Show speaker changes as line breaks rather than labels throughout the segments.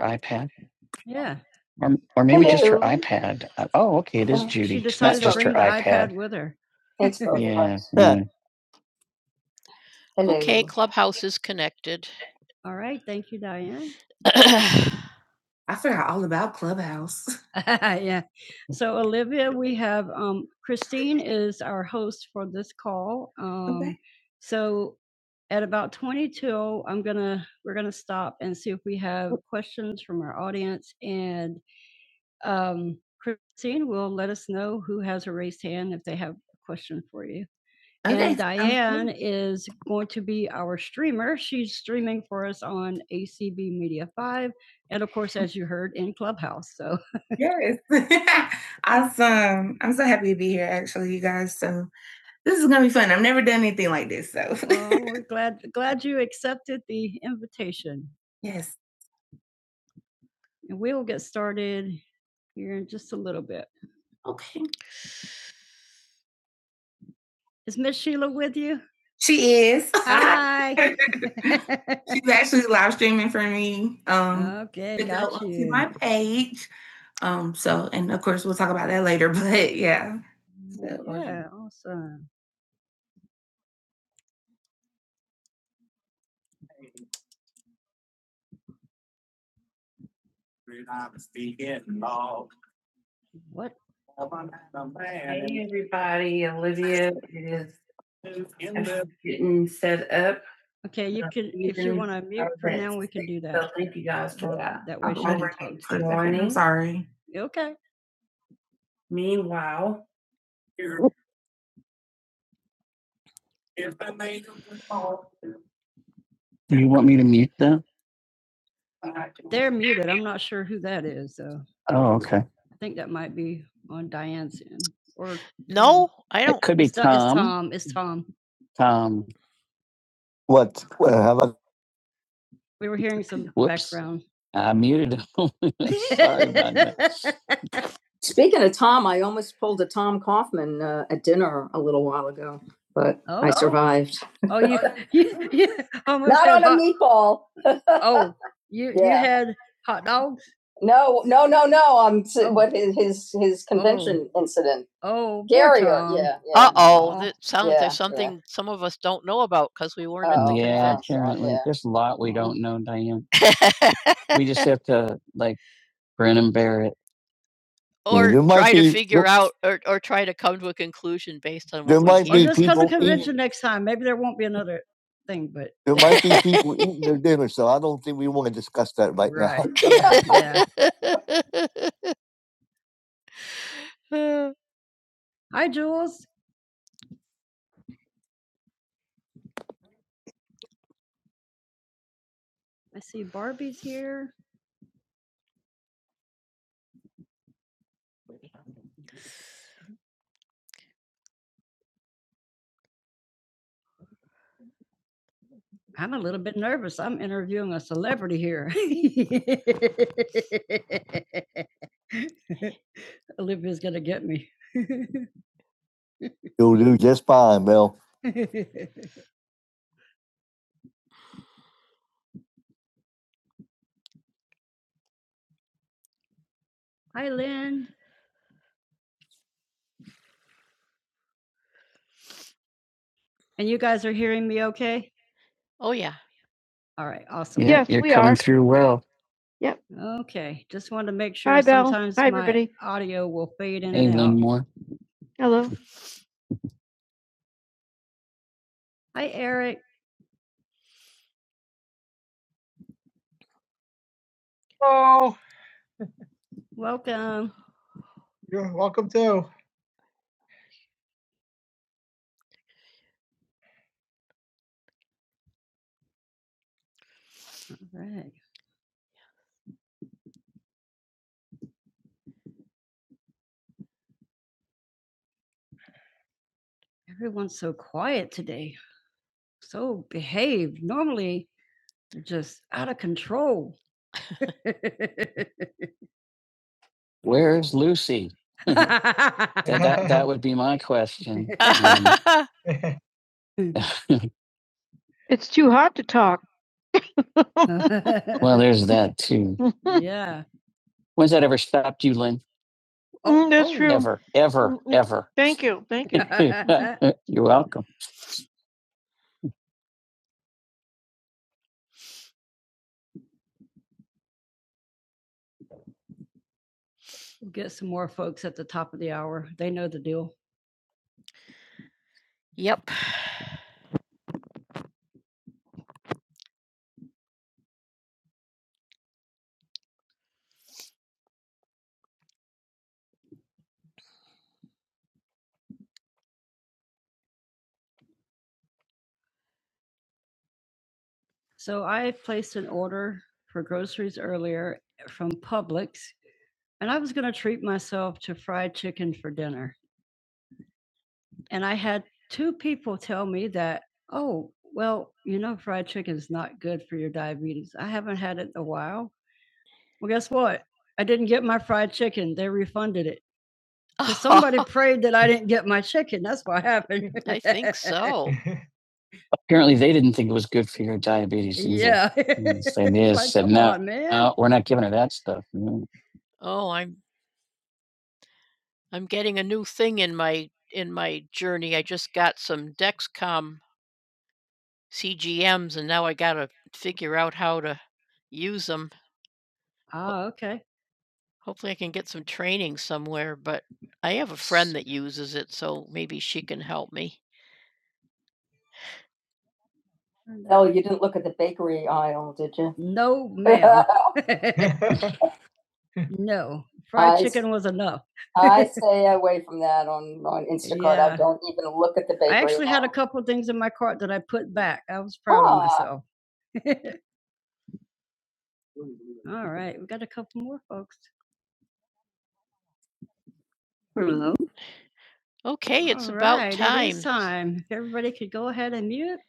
Her iPad, Yeah. or or maybe Hello. just her iPad. Uh, Oh, okay, it is Oh, She Judy. It's not decided to just her the iPad iPad. with her. It's both Yeah. mm. All right. Thank you, Diane. I forgot all about Clubhouse. yeah. So Olivia, we have um, Christine is our host for this call. Um, Okay. So at about 22, I'm gonna we're gonna stop and see if we have questions from our audience and Um, Christine will let us know who has a raised hand if they have a question for you. Okay, And Diane good. is going to be our streamer. She's streaming for us on ACB Media 5 and of course as you heard in Clubhouse. So Yes. awesome. I'm so happy to be here, actually, you guys. So this is gonna be fun. I've never done anything like this. So well, we're glad glad you accepted the invitation. yes. And we'll get started here in just a little bit. Okay. Is Miss Sheila with you? She is. Hi. She's actually live streaming for me. Um, okay, to go got onto you. To my page. Um, so, and of course, we'll talk about that later. But yeah, So, Yeah, awesome. What? Hey, everybody, Olivia is getting set up. Okay, you Uh, can, if you want to mute for now, we can do So that. So thank you guys for that. That way I can Good morning. Sorry. Okay. Meanwhile, Do you want me to mute them? They're muted. I'm not sure who that is, though. Oh, okay. I think that might be on Diane's end. Or Could be it's, it's Tom. It's Tom. Tom. What? uh, Have I We were hearing some Whoops. background. I muted him. Sorry about that. Speaking of Tom, I almost pulled a Tom Kaufman uh, at dinner a little while ago, but oh. I Oh. survived. Oh, you, you, you almost Not had on hot, a meatball. oh, you, yeah. you Yeah. had hot dogs. No, no, no, no. I'm Oh. what his his his convention oh. incident. Oh, Gary, yeah, yeah. Apparently, yeah. there's a lot we don't know, Diane. We just have to like Brennan Barrett. Let's come to People- convention next time. Maybe there won't be another thing, but They're doing so. I don't think we want to discuss that right, right. now. Hi, Jules. I see Barbie's here. I'm a little bit nervous. I'm interviewing a celebrity here. Olivia's going to get me. You'll do just fine, Mel. Hi, Lynn. And you guys are hearing me okay? All right, awesome. Yeah, Yes, you're we coming are. through well. Yep. Okay, just wanted to make Hi, sure. Hi, Belle. Sometimes Hi, my everybody. audio will fade in Hey, and out. Longmore. Hello. Hi, Eric. Oh, Welcome. you're welcome too. All right. Everyone's so quiet today. So behaved. Normally, they're just out of control. Where is Lucy? That, that, that would be my question. It's too hot to talk. Well, there's that too. yeah. When's that ever stopped you, Lynn? Mm, that's oh, true. Never, ever, ever. Thank you. Thank you. You're welcome. We'll get some more folks at the top of the hour. They know the deal. So I placed an order for groceries earlier from Publix, and I was going to treat myself to fried chicken for dinner. And I had two people tell me that, oh, well, you know, fried chicken is not good for your diabetes. I haven't had it in a while. Well, guess what? I didn't get my fried chicken. They refunded it. afraid that I didn't get my chicken. That's what happened. Apparently, they didn't think it was good for your diabetes. either. yeah. And so they Like, said, no, on, no, we're not giving her that stuff. No. Oh, okay. Oh, you didn't look at the bakery aisle, did you? No, ma'am. no. Fried I s- chicken was enough. I stay away from that on on Instacart. Yeah. I don't even look at the bakery. I actually aisle. had a couple of things in my cart that I put back. I was proud Ah. of myself. All right, we got a couple more folks. time. If everybody could go ahead and mute.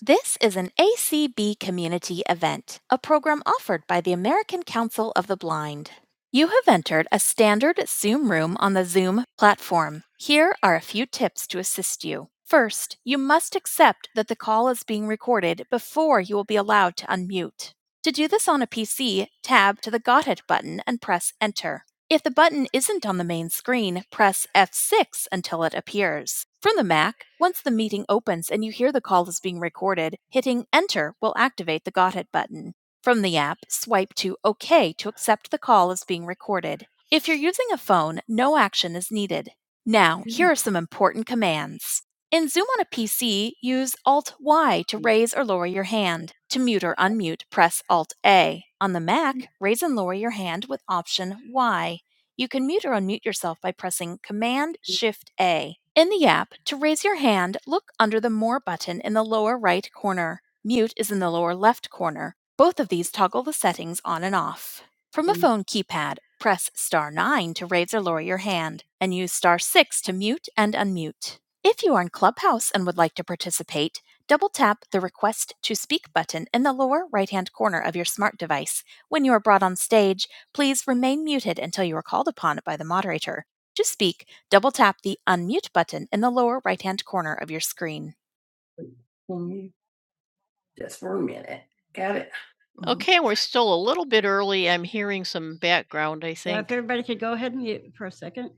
This is an ACB community event, a program offered by the American Council of the Blind. You have entered a standard Zoom room on the Zoom platform. Here are a few tips to assist you. First, you must accept that the call is being recorded before you will be allowed to unmute. To do this on a PC, tab to the Got It button and press Enter. If the button isn't on the main screen, press F6 until it appears. From the Mac, once the meeting opens and you hear the call is being recorded, hitting Enter will activate the Got It button. From the app, swipe to OK to accept the call is being recorded. If you're using a phone, no action is needed. Now, here are some important commands. In Zoom on a PC, use Alt Y to raise or lower your hand. To mute or unmute, press Alt A. On the Mac, raise and lower your hand with Option Y. You can mute or unmute yourself by pressing Command Shift A. In the app, to raise your hand, look under the More button in the lower right corner. Mute is in the lower left corner. Both of these toggle the settings on and off. From a phone keypad, press star 9 to raise or lower your hand, and use star 6 to mute and unmute. If you are in Clubhouse and would like to participate, double tap the Request to Speak button in the lower right hand corner of your smart device. When you are brought on stage, Please remain muted until you are called upon by the moderator. To speak, double tap the unmute button in the lower right hand corner of your screen. Just for a minute. Got it? Everybody could go ahead and mute for a second.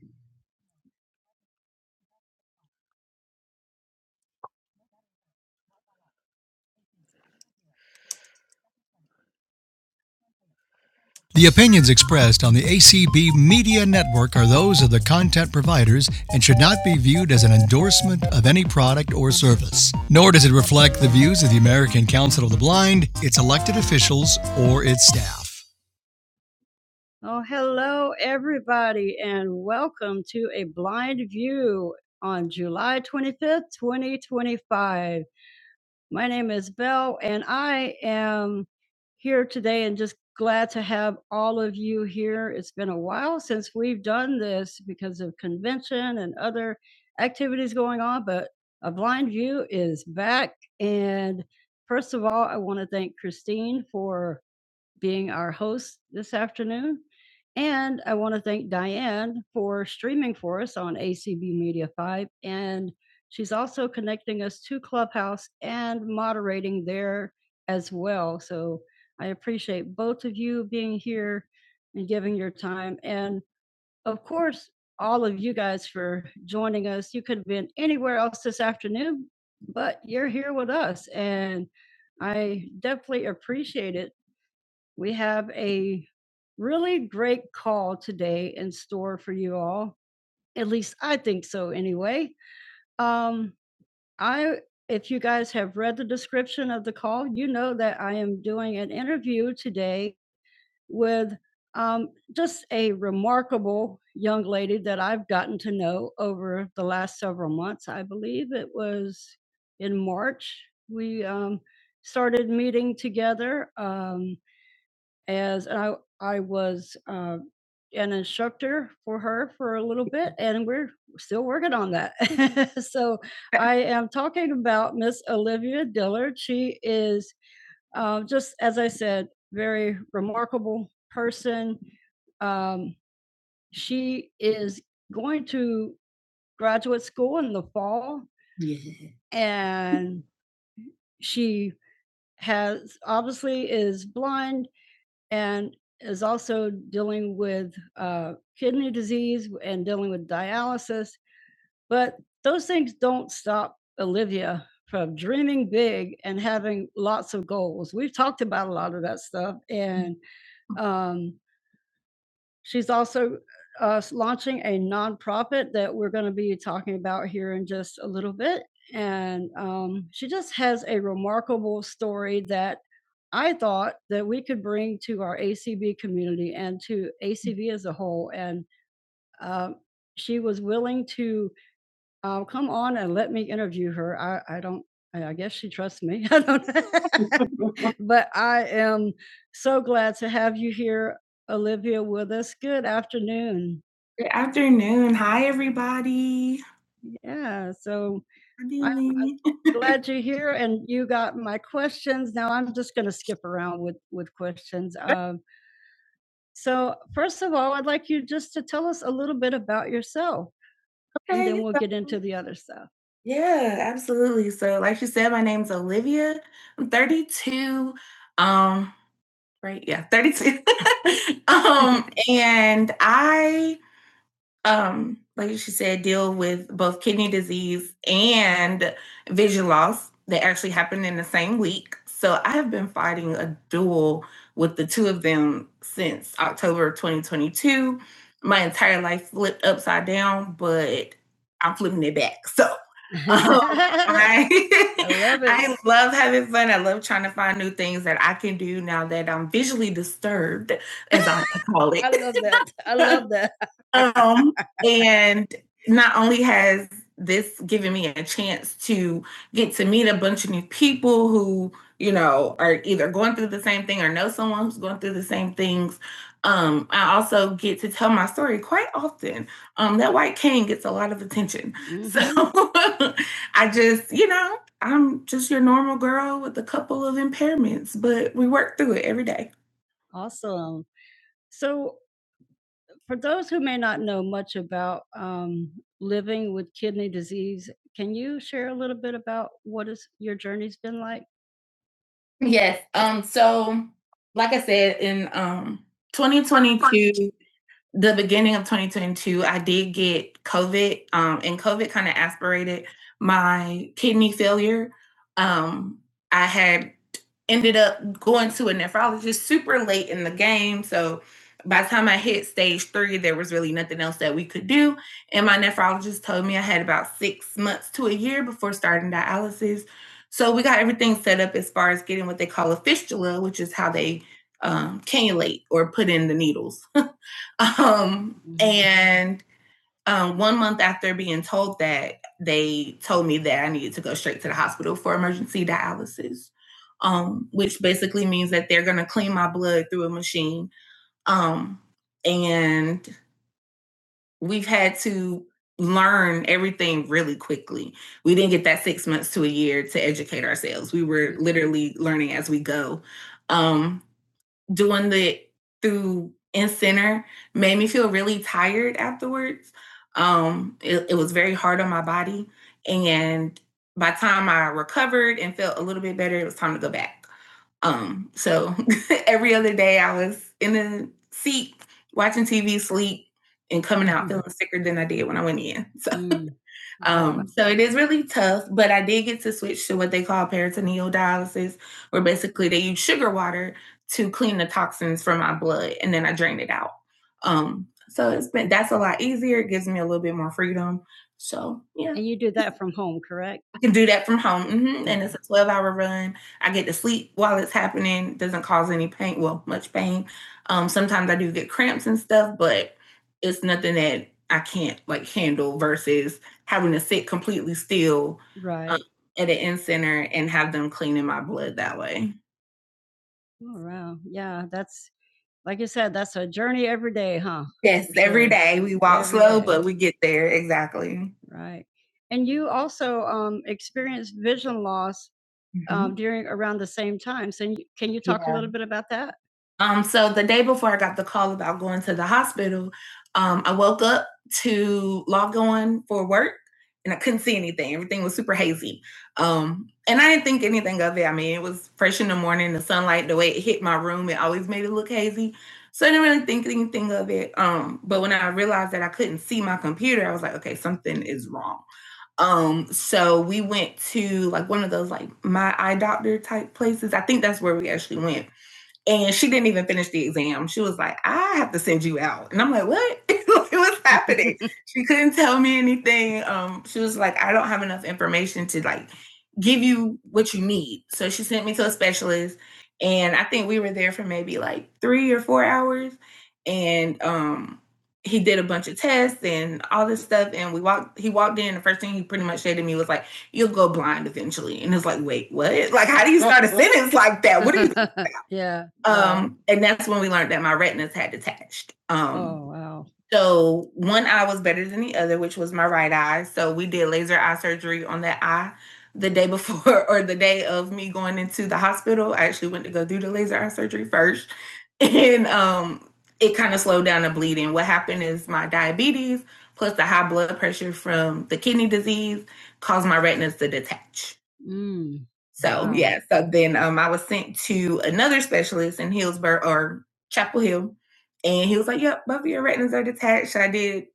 The opinions expressed on the ACB Media Network are those of the content providers and should not be viewed as an endorsement of any product or service. Nor does it reflect the views of the American Council of the Blind, its elected officials, or its staff. Oh, hello, everybody, and welcome to a blind view on July 25th, 2025. My name is Belle, and I am here today and just glad to have all of you here. It's been a while since we've done this because of convention and other activities going on, but a blind view is back. And first of all, I want to thank Christine for being our host this afternoon. And I want to thank Diane for streaming for us on ACB Media 5. And she's also connecting us to Clubhouse and moderating there as well. So I appreciate both of you being here and giving your time. And of course, all of you guys for joining us. You could have been anywhere else this afternoon, but you're here with us. And I definitely appreciate it we have a really great call today in store for you all. At least I think so anyway. Um I if you guys have read the description of the call, you know that I am doing an interview today with um, just a remarkable young lady that I've gotten to know over the last several months. I believe it was in March. We um, started meeting together. Um, as I I was, uh, an instructor for her for a little bit, and we're still working on that. So, I am talking about Miss Olivia Dillard. She is, uh, just as I said, very remarkable person. Um, she is going to graduate school in the fall, and she has obviously is blind, and is also dealing with uh, kidney disease and dealing with dialysis. But those things don't stop Olivia from dreaming big and having lots of goals. We've talked about a lot of that stuff, and um, She's also, uh, launching a nonprofit that we're gonna be talking about here in just a little bit, and, um, she just has a remarkable story that I thought that we could bring to our ACB community and to ACB as a whole, and, um, she was willing to Oh, come on and let me interview her. I I don't I I guess she trusts me. I don't But I am so glad to have you here, Olivia, with us. Good afternoon. Good afternoon. Hi, everybody. Yeah, so I'm I'm Billy. glad you're here and you got my questions. Now I'm just gonna skip around with with questions. Um, so first of all, I'd like you just to tell us a little bit about yourself and Okay, then Okay. we'll so get into the other stuff. Yeah, absolutely. So, like you said, my name's Olivia. I'm 32. Um, right, yeah, 32. um, and I um, like she said, deal with both kidney disease and vision loss that actually happened in the same week. So I have been fighting a duel with the two of them since October of 2022. My entire life flipped upside down, but I'm flipping it back. So um, I, I love I love having fun. I love trying to find new things that I can do now that I'm visually disturbed, as I call it. I love that. I love that. Um. and not only has this given me a chance to get to meet a bunch of new people who you know are either going through the same thing or know someone who's going through the same things um, i also get to tell my story quite often um, that white cane gets a lot of attention Mm-hmm. so i just you know i'm just your normal girl with a couple of impairments but we work through it every day Awesome. So for those who may not know much about, um, living with kidney disease, can you share a little bit about what is your journey's been like? Yes. Um, so like I said, in um 2022, the beginning of 2022, I did get COVID, um, and COVID kind of aspirated my kidney failure. Um, I had ended up going to a nephrologist super late in the game. So by the time I hit stage three, there was really nothing else that we could do. And my nephrologist told me I had about six months to a year before starting dialysis. So we got everything set up as far as getting what they call a fistula, which is how they um, cannulate or put in the needles. Um, and um, one month after being told that, they told me that I needed to go straight to the hospital for emergency dialysis, um, which basically means that they're going to clean my blood through a machine. Um, and we've had to learn everything really quickly. We didn't get that six months to a year to educate ourselves. We were literally learning as we go. Um, doing the through in center made me feel really tired afterwards. Um, it, it was very hard on my body, and by the time I recovered and felt a little bit better, it was time to go back. Um, so every other day I was in the seat watching TV, sleep, and coming out Mm. feeling sicker than I did when I went in. So. Mm. Um, so it is really tough, but I did get to switch to what they call peritoneal dialysis, where basically they use sugar water to clean the toxins from my blood and then I drain it out. Um, so it's been that's a lot easier. It gives me a little bit more freedom. So yeah, And you do that from home, correct? I can do that from home. hmm And it's a 12 hour run. I get to sleep while it's happening. Doesn't cause any pain. Well, much pain. Um, sometimes I do get cramps and stuff, but it's nothing that I can't like handle versus having to sit completely still Right. um, at an in center and have them cleaning my blood that way. Oh, wow. Yeah, that's like you said, that's a journey every day, huh? Yes, every day we walk Every slow, day. but we get there. Exactly. Right. And you also um, experienced vision loss Mhm. um, during around the same time. So can you talk yeah. a Yeah. little bit about that? Um, so the day before I got the call about going to the hospital, um, I woke up to log on for work and I couldn't see anything. Everything was super hazy. Um, and I didn't think anything of it. I mean, it was fresh in the morning, the sunlight, the way it hit my room, it always made it look hazy. So I didn't really think anything of it. Um, but when I realized that I couldn't see my computer, I was like, okay, something is wrong. Um, so we went to like one of those like my eye doctor type places. I think that's where we actually went. And she didn't even finish the exam. She was like, I have to send you out. And I'm like, what? Like, What's happening? she couldn't tell me anything. Um, she was like, I don't have enough information to like give you what you need. So she sent me to a specialist. And I think we were there for maybe like three or four hours. And um he did a bunch of tests and all this stuff. And we walked, he walked in. The first thing he pretty much said to me was like, You'll go blind eventually. And it's like, wait, what? Like, how do you start a sentence like that? What are you talking about? yeah. Um, and that's when we learned that my retinas had detached. Um, oh wow. so one eye was better than the other, which was my right eye. So we did laser eye surgery on that eye the day before or the day of me going into the hospital. I actually went to go do the laser eye surgery first. And um it kind of slowed down the bleeding. What happened is my diabetes plus the high blood pressure from the kidney disease caused my retinas to detach. Mm. So Wow. yeah, so then um, I was sent to another specialist in Hillsborough or Chapel Hill, and he was like, "Yep, both of your retinas are detached." I did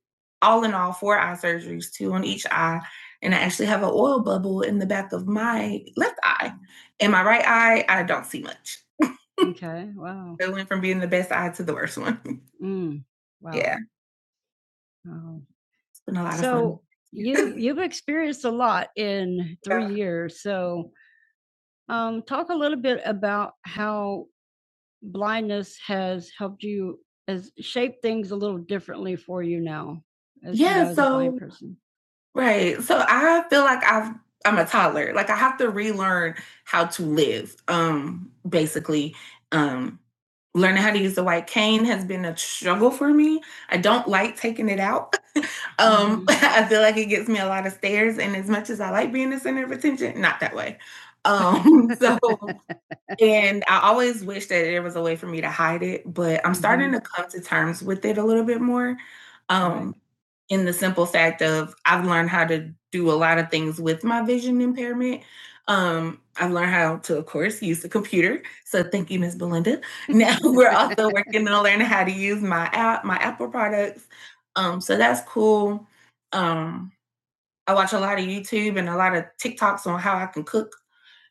all in all four eye surgeries, two on each eye, and I actually have an oil bubble in the back of my left eye. In my right eye, I don't see much. Okay. Wow. It went from being the best eye to the worst one. Mm. Wow. yeah, Wow. it's been a lot so, of fun. So you you've experienced a lot in Yeah. three yeah. years. So um, talk a little bit about how blindness has helped you as shape things a little differently for you now, as you know, Yeah, as a blind so person. Right. So I feel like I've I'm a toddler. Like I have to relearn how to live. Um basically um learning how to use the white cane has been a struggle for me. I don't like taking it out. Um hmm I feel like it gets me a lot of stares and as much as I like being the center of attention, not that way. Um so And I always wish that there was a way for me to hide it, but I'm starting Mhm. to come to terms with it a little bit more. Um, Right. Um, in the simple fact of I've learned how to do a lot of things with my vision impairment. Um, I've learned how to, of course, use the computer. So thank you, Miss Belinda. Now we're also working on learning how to use my app, my Apple products. Um, so that's cool. Um, I watch a lot of YouTube and a lot of TikToks on how I can cook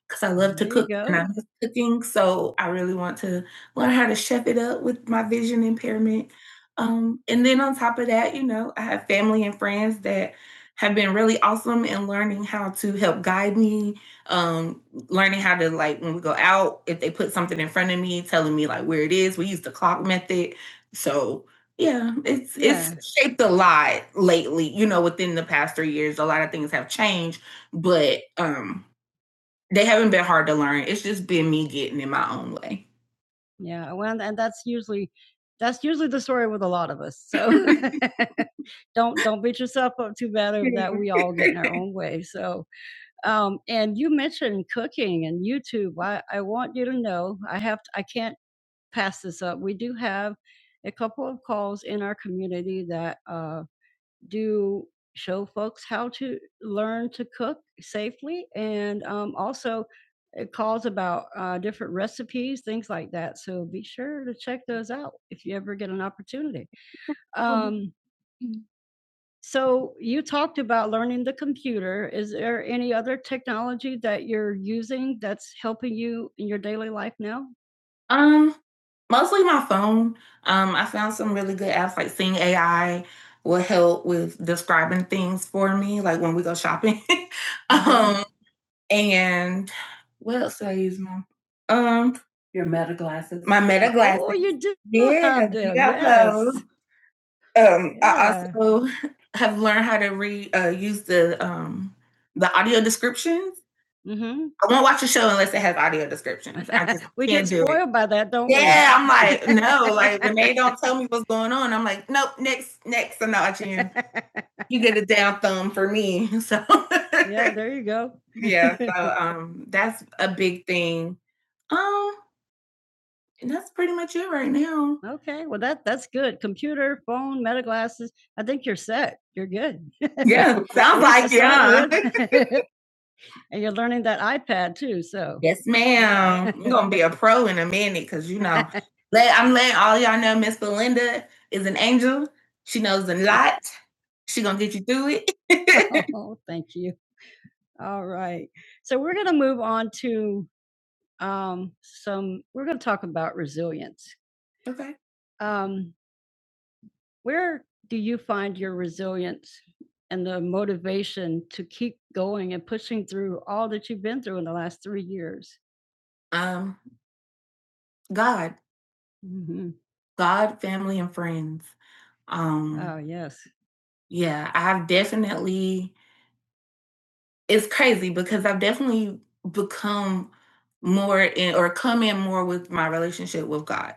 because I love to There you cook and I go. miss cooking. So I really want to learn how to chef it up with my vision impairment. Um, and then on top of that, you know, I have family and friends that have been really awesome in learning how to help guide me, um, learning how to like when we go out, if they put something in front of me, telling me like where it is. We use the clock method. So yeah, it's it's Yeah. shaped a lot lately, you know, within the past three years. A lot of things have changed, but um they haven't been hard to learn. It's just been me getting in my own way. Yeah, well, and that's usually that's usually the story with a lot of us. So don't don't beat yourself up too bad over that. We all get in our own way. So um, and you mentioned cooking and YouTube. I, I want you to know I have to, I can't pass this up. We do have a couple of calls in our community that uh, do show folks how to learn to cook safely and um, also it calls about uh, different recipes things like that so be sure to check those out if you ever get an opportunity Mhm. um, so you talked about learning the computer is there any other technology that you're using that's helping you in your daily life now um, mostly my phone. Um, I found some really good apps like Sing AI will help with describing things for me, like when we go shopping. Mhm. um, and what else do I use, Mom? Um, Your Meta glasses. my Meta Oh, glasses. you do Yeah, have you them. got Yes. those. Um, I Yeah. also have learned how to read, uh, use the um, the audio descriptions. Mhm. I won't watch a show unless it has audio descriptions. I just We can't get can't do it. spoiled by that, don't we? Yeah, I'm like, no, like when they don't tell me what's going on, I'm like, nope, next, next, I'm not watching you. You get a down thumb for me. So yeah, there you go. yeah, so um that's a big thing. Um and that's pretty much it right now. Okay, well that that's good. Computer, phone, meta glasses. I think you're set. You're good. Yeah, sounds like you it, sound and you're learning that iPad too, so. Yes, ma'am. You're gonna be a pro in a minute because you know, let I'm letting all y'all know Miss Belinda is an angel. She knows a lot. She gonna get you through it. oh, thank you. All right. So we're going to move on to um, some we're going to talk about resilience. Okay. Um, where do you find your resilience and the motivation to keep going and pushing through all that you've been through in the last three years? Um, God, hmm God, family, and friends. Um, Oh, yes. yeah, I've definitely, it's crazy because I've definitely become more in or come in more with my relationship with God.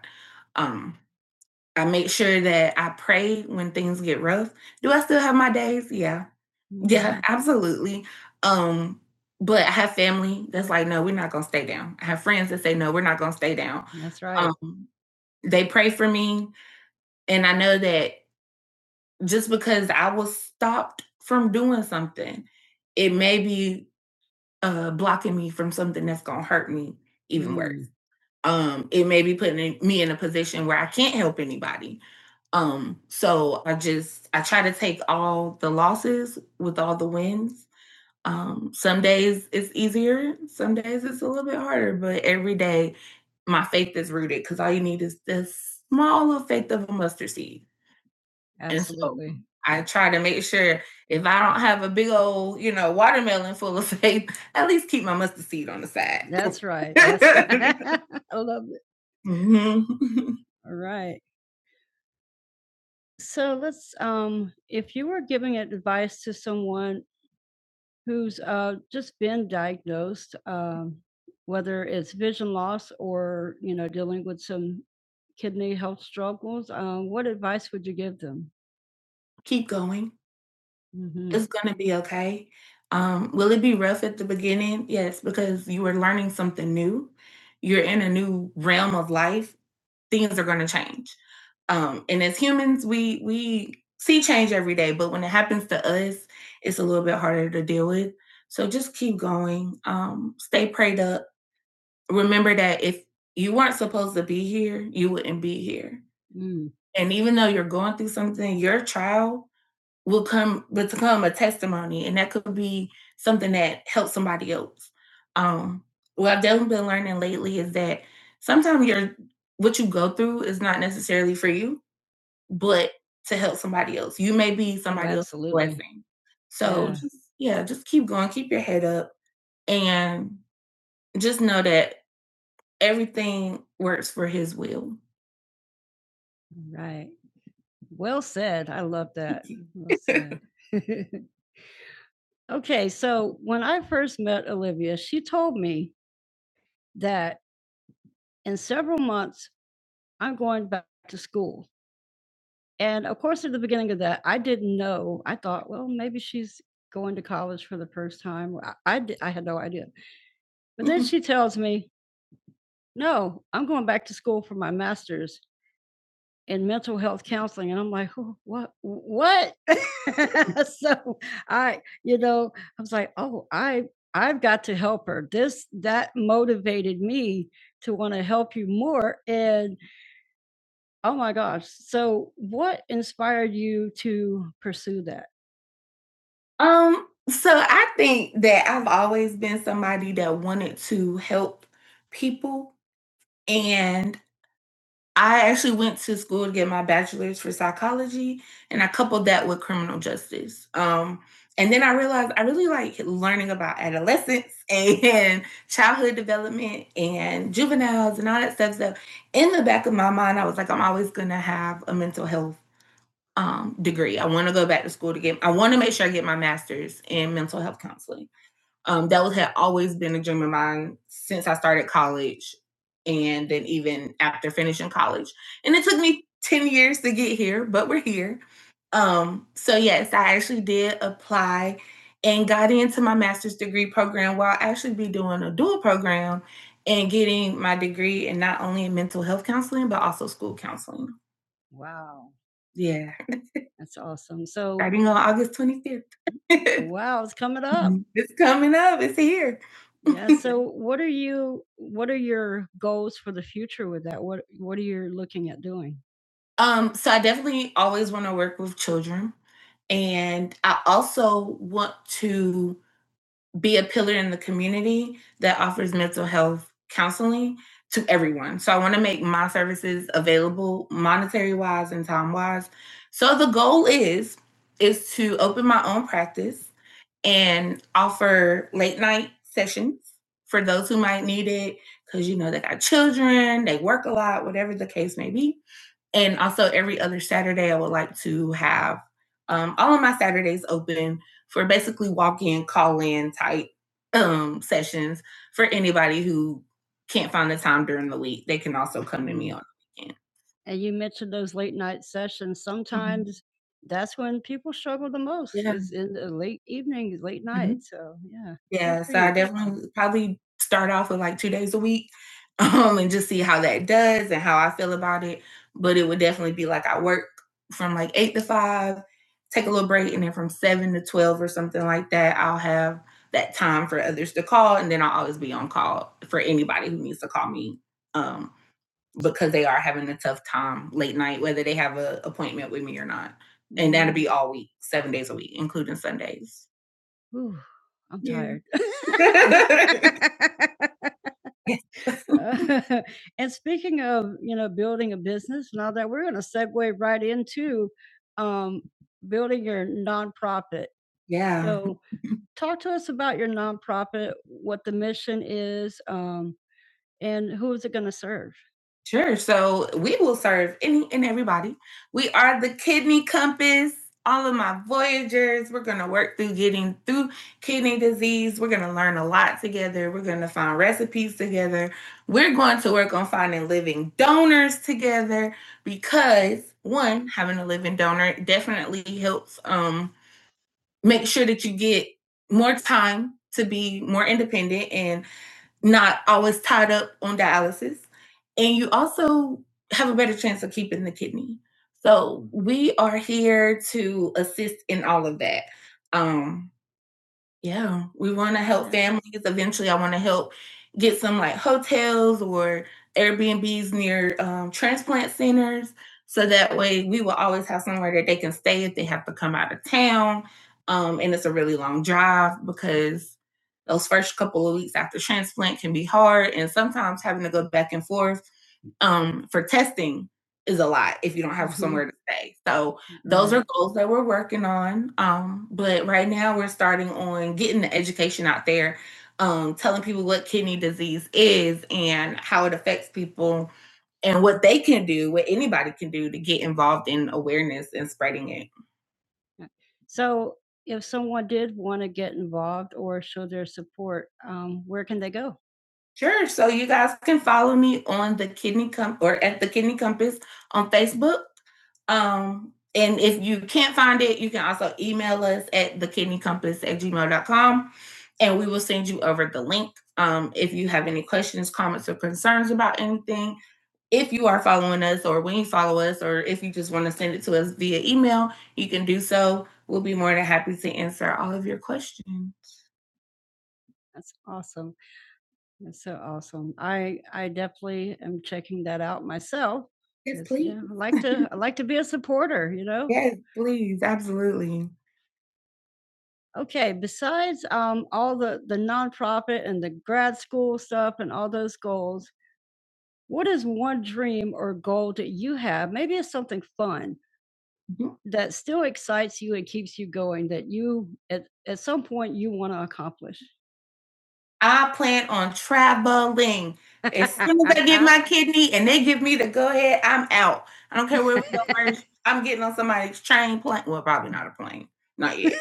Um, I make sure that I pray when things get rough. Do I still have my days? Yeah. Yeah, absolutely. Um, but I have family that's like, no, we're not gonna stay down. I have friends that say, no, we're not gonna stay down. That's right. Um, they pray for me, and I know that just because I was stopped from doing something, it may be uh, blocking me from something that's gonna hurt me even Mm. worse um it may be putting me in a position where i can't help anybody um so i just i try to take all the losses with all the wins um some days it's easier some days it's a little bit harder but every day my faith is rooted because all you need is this small little faith of a mustard seed Absolutely. And so I try to make sure if I don't have a big old, you know, watermelon full of faith, at least keep my mustard seed on the side. That's right. That's right. I love it. Mhm. All right. So let's um if you were giving advice to someone who's uh just been diagnosed, um, whether it's vision loss or you know, dealing with some kidney health struggles, um, what advice would you give them? Keep going. Mhm. It's gonna be okay. Um, will it be rough at the beginning? Yes, because you are learning something new. You're in a new realm of life. Things are gonna change. Um, and as humans, we we see change every day, but when it happens to us, it's a little bit harder to deal with. So just keep going. Um, stay prayed up. Remember that if you weren't supposed to be here, you wouldn't be here. And even though you're going through something, your trial will come become a testimony and that could be something that helps somebody else um what i've definitely been learning lately is that sometimes your what you go through is not necessarily for you but to help somebody else you may be Oh, somebody else's absolutely. Else's blessing so Yeah. just, yeah just keep going keep your head up and just know that everything works for his will Right. Well said. I love that. Well said. Okay, so when I first met Olivia, she told me that in several months, I'm going back to school. And of course, at the beginning of that, I didn't know. I thought, well, maybe she's going to college for the first time. Well, I, I, di- I had no idea. But then Mhm. she tells me, no, I'm going back to school for my master's. in mental health counseling and I'm like, "Wh- "What? What?" so, I, you know, I was like, "Oh, I I've got to help her." This that motivated me to want to help you more and oh my gosh. So, what inspired you to pursue that? Um, so I think that I've always been somebody that wanted to help people and I actually went to school to get my bachelor's for psychology, and I coupled that with criminal justice. Um, and then I realized I really like learning about adolescence and childhood development and juveniles and all that stuff. So, in the back of my mind, I was like, I'm always going to have a mental health um, degree. I want to go back to school to get, I want to make sure I get my master's in mental health counseling. Um, that was had always been a dream of mine since I started college, and then even after finishing college. And it took me ten years to get here, but we're here. Um, so yes, I actually did apply and got into my master's degree program while I actually be doing a dual program and getting my degree in not only in mental health counseling but also school counseling. Wow. Yeah. That's awesome. So Starting on August 25th. Wow, it's coming up. It's coming up. It's here. Yeah. So what are you what are your goals for the future with that? What what are you looking at doing? Um, so I definitely always want to work with children. And I also want to be a pillar in the community that offers mental health counseling to everyone. So I want to make my services available monetary wise and time wise. So the goal is is to open my own practice and offer late night sessions for those who might need it cuz you know they got children, they work a lot, whatever the case may be and also every other Saturday, I would like to have um, all of my Saturdays open for basically walk in, call in type um, sessions for anybody who can't find the time during the week. They can also come to me on the weekend. And you mentioned those late night sessions. Sometimes mm-hmm. that's when people struggle the most Yeah. is in the late evening, late Mhm. So yeah, Yeah, so I definitely probably start off with like two days a week um, and just see how that does and how I feel about it but it would definitely be like I work from like eight to five, take a little break, and then from seven to twelve or something like that, I'll have that time for others to call, and then I'll always be on call for anybody who needs to call me um, because they are having a tough time late night, whether they have an appointment with me or not. And that'll be all week, seven days a week, including Sundays. Whew, I'm Yeah. tired. Yeah. Uh, and speaking of, you know, building a business and all that, we're going to segue right into um, building your nonprofit. Yeah. So, talk to us about your nonprofit, what the mission is, um, and who is it going to serve? Sure. So we will serve any and everybody. We are the kidney compass. All of my voyagers, we're going to work through getting through kidney disease. We're going to learn a lot together. We're going to find recipes together. We're going to work on finding living donors together because one, having a living donor definitely helps um make sure that you get more time to be more independent and not always tied up on dialysis. And you also have a better chance of keeping the kidney. So we are here to assist in all of that. Um, yeah, we wanna help Yeah. families, eventually, I wanna help get some, like, hotels or Airbnbs near, um, transplant centers, so that way we will always have somewhere that they can stay if they have to come out of town, um, and it's a really long drive because those first couple of weeks after transplant can be hard, and sometimes having to go back and forth, um, for testing is a lot if you don't have Mhm. somewhere to stay, so those are goals that we're working on. Um, but right now we're starting on getting the education out there, um, telling people what kidney disease is and how it affects people and what they can do, what anybody can do to get involved in awareness and spreading it. Right. So, if someone did want to get involved or show their support, um, where can they go? Sure. So you guys can follow me on the Kidney Com or at the Kidney Compass on Facebook. Um, and if you can't find it, you can also email us at the kidney compass at gmail dot com, and we will send you over the link. Um, if you have any questions, comments, or concerns about anything, if you are following us or when you follow us, or if you just want to send it to us via email, you can do so. We'll be more than happy to answer all of your questions. That's awesome. That's so awesome. I I definitely am checking that out myself Yes, you please. know, I like to I like to be a supporter, you know? Yes, please. Absolutely. Okay, besides um, all the the nonprofit and the grad school stuff and all those goals, what is one dream or goal that you have? Maybe it's something fun Mhm. that still excites you and keeps you going that you at, at some point you want to accomplish. I plan on traveling. As soon as I get my kidney and they give me the go ahead, I'm out. I don't care where we go first. I'm getting on somebody's train plane. Well, probably not a plane. Not yet.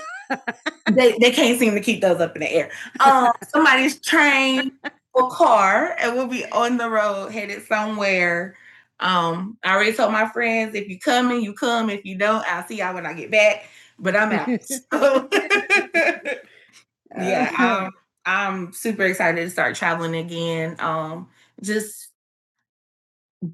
they, they can't seem to keep those up in the air. Um, somebody's train or car, and we'll be on the road headed somewhere. Um, I already told my friends if you come coming, you come. If you don't, I'll see y'all when I get back. But I'm out. So- yeah i'm i'm super excited to start traveling again um just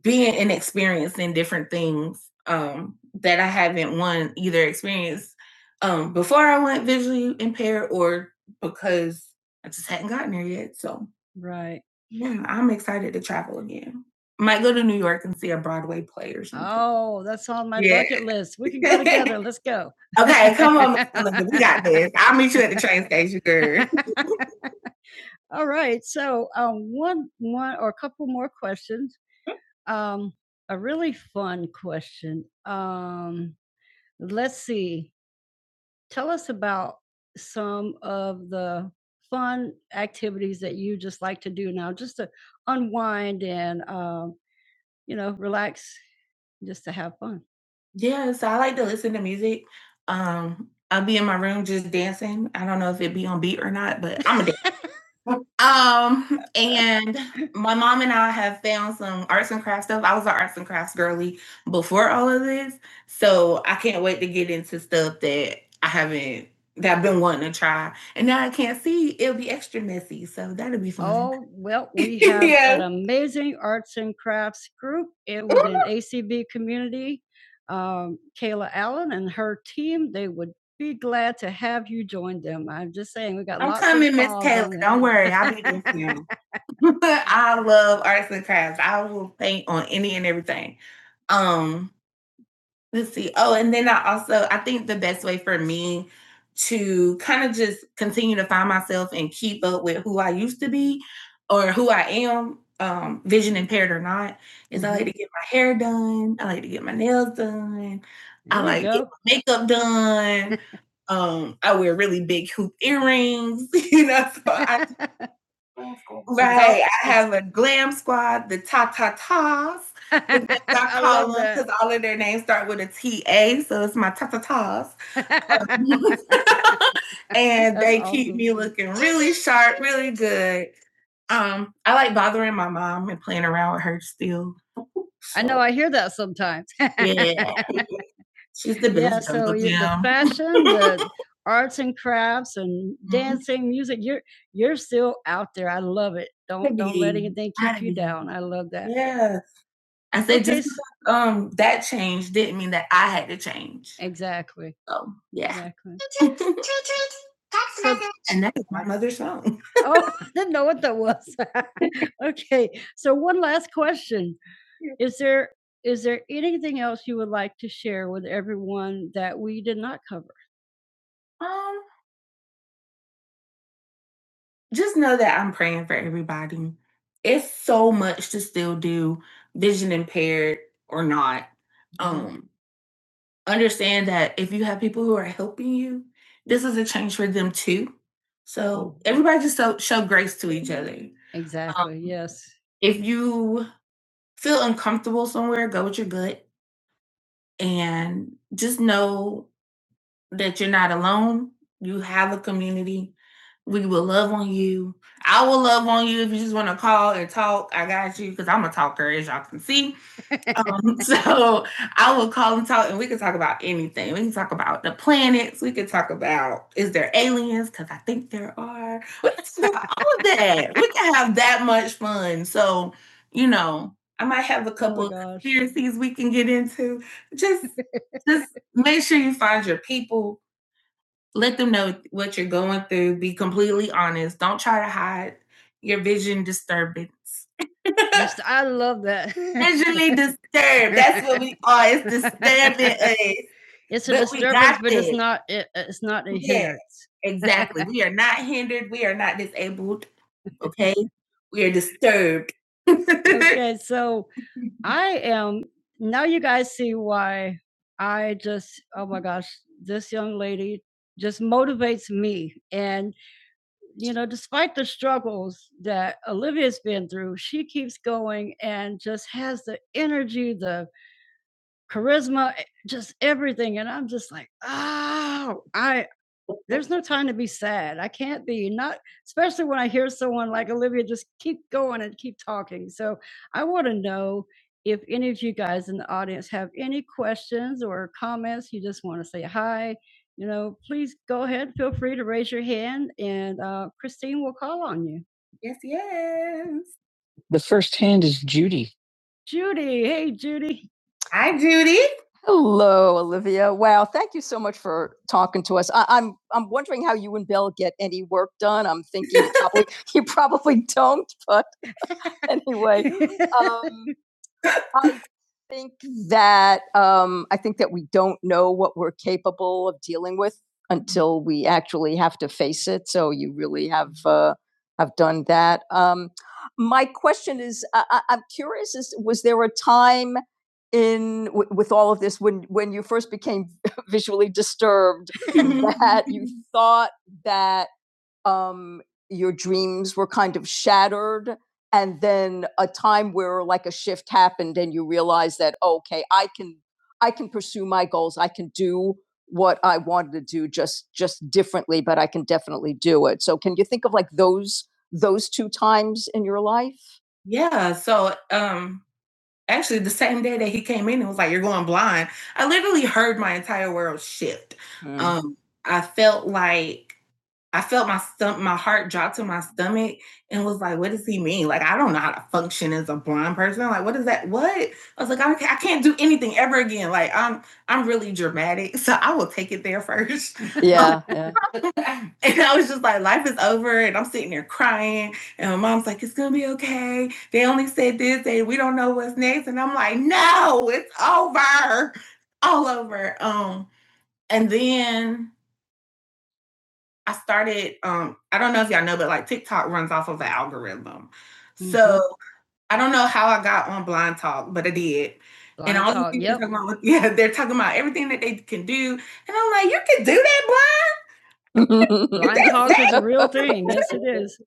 being and experiencing different things um that i haven't one either experienced um before i went visually impaired or because i just hadn't gotten there yet so Right. yeah i'm excited to travel again might go to new york and see a broadway play or something Oh, that's on my yeah bucket list. We can go together. Let's go. okay come on Miss Linda, we got this i'll meet you at the train station girl All right. So, um, one, one or a couple more questions. Um, a really fun question. Um, let's see. Tell us about some of the fun activities that you just like to do now, just to unwind and, um, you know, relax, just to have fun. Yeah, so I like to listen to music. Um, I'll be in my room just dancing. I don't know if it be on beat or not, but I'm a Um, and my mom and I have found some arts and crafts stuff. I was an arts and crafts girly before all of this, so I can't wait to get into stuff that I haven't that I've been wanting to try. And now I can't see; it'll be extra messy, so that'll be fun. Oh, well, we have Yeah. an amazing arts and crafts group in within ACB community. Um, Kayla Allen and her team, they would be glad to have you join them. I'm just saying, we got I'm lots coming, of I'm coming, Miss calls Taylor. on that. Don't worry, I'll be with you. I love arts and crafts. I will paint on any and everything. Um, Let's see. Oh, and then I also I think the best way for me to kind of just continue to find myself and keep up with who I used to be or who I am, um, vision impaired or not, is I like Mhm. to Mhm. get my hair done. I like to get my nails done. I There you like to get go. my makeup done. Um, I wear really big hoop earrings, you know. So I Glam squad. right. It's all I it's have a glam squad, the ta ta tas. I call them because all of their names start with a T A, so it's my ta ta tas. and That's they awesome. keep awesome. me looking really sharp, really good. Um, I like bothering my mom and playing around with her still. So. I know I hear that sometimes. yeah, she's the yeah, best. Yeah, so Uncle you, the fashion, the arts and crafts, and Mhm. dancing, mm-hmm. music. You're you're still out there. I love it. Don't don't let anything keep you down. I love that. yeah. I said Okay, just um that change didn't mean that I had to change. exactly, So yeah. exactly. So, and that is my mother's song. oh, I didn't know what that was. okay, so one last question: Is there is there anything else you would like to share with everyone that we did not cover? Um, just know that I'm praying for everybody. It's so much to still do, vision impaired or not. Yeah, Um, understand that if you have people who are helping you, this is a change for them too. So everybody just show, show grace to each other. Exactly. Um, Yes. If you feel uncomfortable somewhere, go with your gut and just know that you're not alone. You have a community. We will love on you. I will love on you if you just want to call and talk. I got you because I'm a talker, as y'all can see. Um, so I will call and talk, and we can talk about anything. We can talk about the planets. We can talk about is there aliens? Because I think there are. We can talk about all of that. We can have that much fun. So, you know, I might have a Oh couple my gosh. conspiracies we can get into. Just just make sure you find your people let them know what you're going through be completely honest don't try to hide your vision disturbance That's- I love that. visually disturbed that's what we are it's disturbing us It's a but disturbance, but it's not. It, it's not a hindrance. Yeah. exactly we are not hindered we are not disabled okay we are disturbed Okay, so I am now you guys see why I just oh my gosh, this young lady just motivates me. And you know, despite the struggles that Olivia's been through, she keeps going and just has the energy, the charisma, eh, just everything. And I'm just like, oh, I there's no time to be sad. I can't be not, especially when I hear someone like Olivia just keep going and keep talking. So I want to know if any of you guys in the audience have any questions or comments. You just want to say hi. You know, please go ahead. Feel free to raise your hand, and uh, Christine will call on you. The first hand is Judy. Judy. Hey, Judy. Hi, Judy. Hello, Olivia. Wow, thank you so much for talking to us. I, I'm I'm wondering how you and Bill get any work done. I'm thinking you probably you probably don't, but anyway, um, I think that um, I think that we don't know what we're capable of dealing with until we actually have to face it. So you really have uh, have done that. Um, my question is, I, I- I'm curious: is was there a time in w- with all of this when when you first became visually disturbed that you thought that um, your dreams were kind of shattered and then a time where like a shift happened and you realized that okay i can i can pursue my goals i can do what i wanted to do just just differently but i can definitely do it so can you think of like those those two times in your life Yeah. So um actually the same day that he came in and was like, You're going blind, I literally heard my entire world shift. Mm. Um, I felt like I felt my stomach, my heart drop to my stomach and was like, what does he mean? Like, I don't know how to function as a blind person. Like, what is that? What? I was like, I, I can't do anything ever again. Like, I'm I'm really dramatic. So I will take it there first. Yeah. yeah. and I was just like, life is over. And I'm sitting there crying. And my mom's like, it's gonna be okay. They only said this and we don't know what's next. And I'm like, no, it's over. All over. Um, and then I started um I don't know if y'all know, but like TikTok runs off of an algorithm. Mm-hmm. So I don't know how I got on Blind Talk, but I did. Blind and all talk, the people yep. they're talking about, yeah, they're talking about everything that they can do. And I'm like, you can do that, Blind hogs is a real thing. Yes, it is.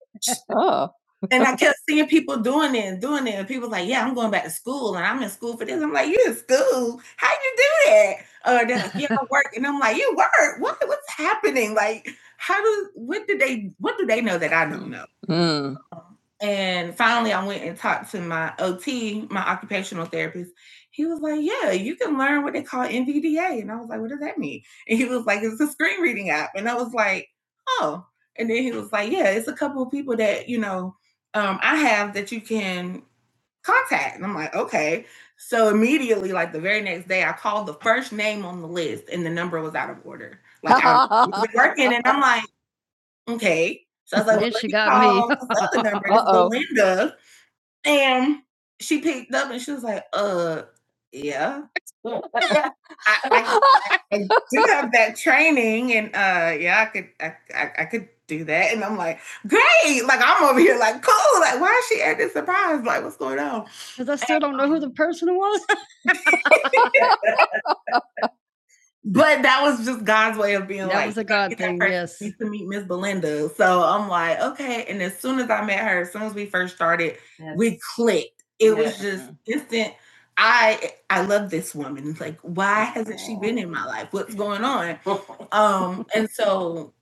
oh. And I kept seeing people doing it and doing it. And people like, yeah, I'm going back to school and I'm in school for this. I'm like, you in school? How you do that? Or they're like, yeah, I work. And I'm like, you work? What, what's happening? Like, how do, what do they, what do they know that I don't know? Mm. And finally, I went and talked to my OT, my occupational therapist. He was like, Yeah, you can learn what they call NVDA. And I was like, What does that mean? And he was like, It's a screen reading app. And I was like, Oh. And then he was like, Yeah, it's a couple of people that, you know, um, I have that you can contact. And I'm like, Okay. So immediately, like the very next day, I called the first name on the list and the number was out of order. Like I was working and I'm like, Okay. So I was like, well, she got me. Uh-oh. Belinda. And she picked up and she was like, uh, yeah, I, I, I do have that training, and uh, yeah, I could, I, I, I could do that. And I'm like, great, like I'm over here, like cool, like why is she acting surprised? Like what's going on? Because I still and, don't know who the person was. But that was just God's way of being That like, that was a God thing, person yes. needs to meet Miss Belinda. So I'm like, okay. And as soon as I met her, as soon as we first started, yes. we clicked. It yes. was Yeah. just instant. I I love this woman. Like, why hasn't she been in my life? What's going on? Um, and so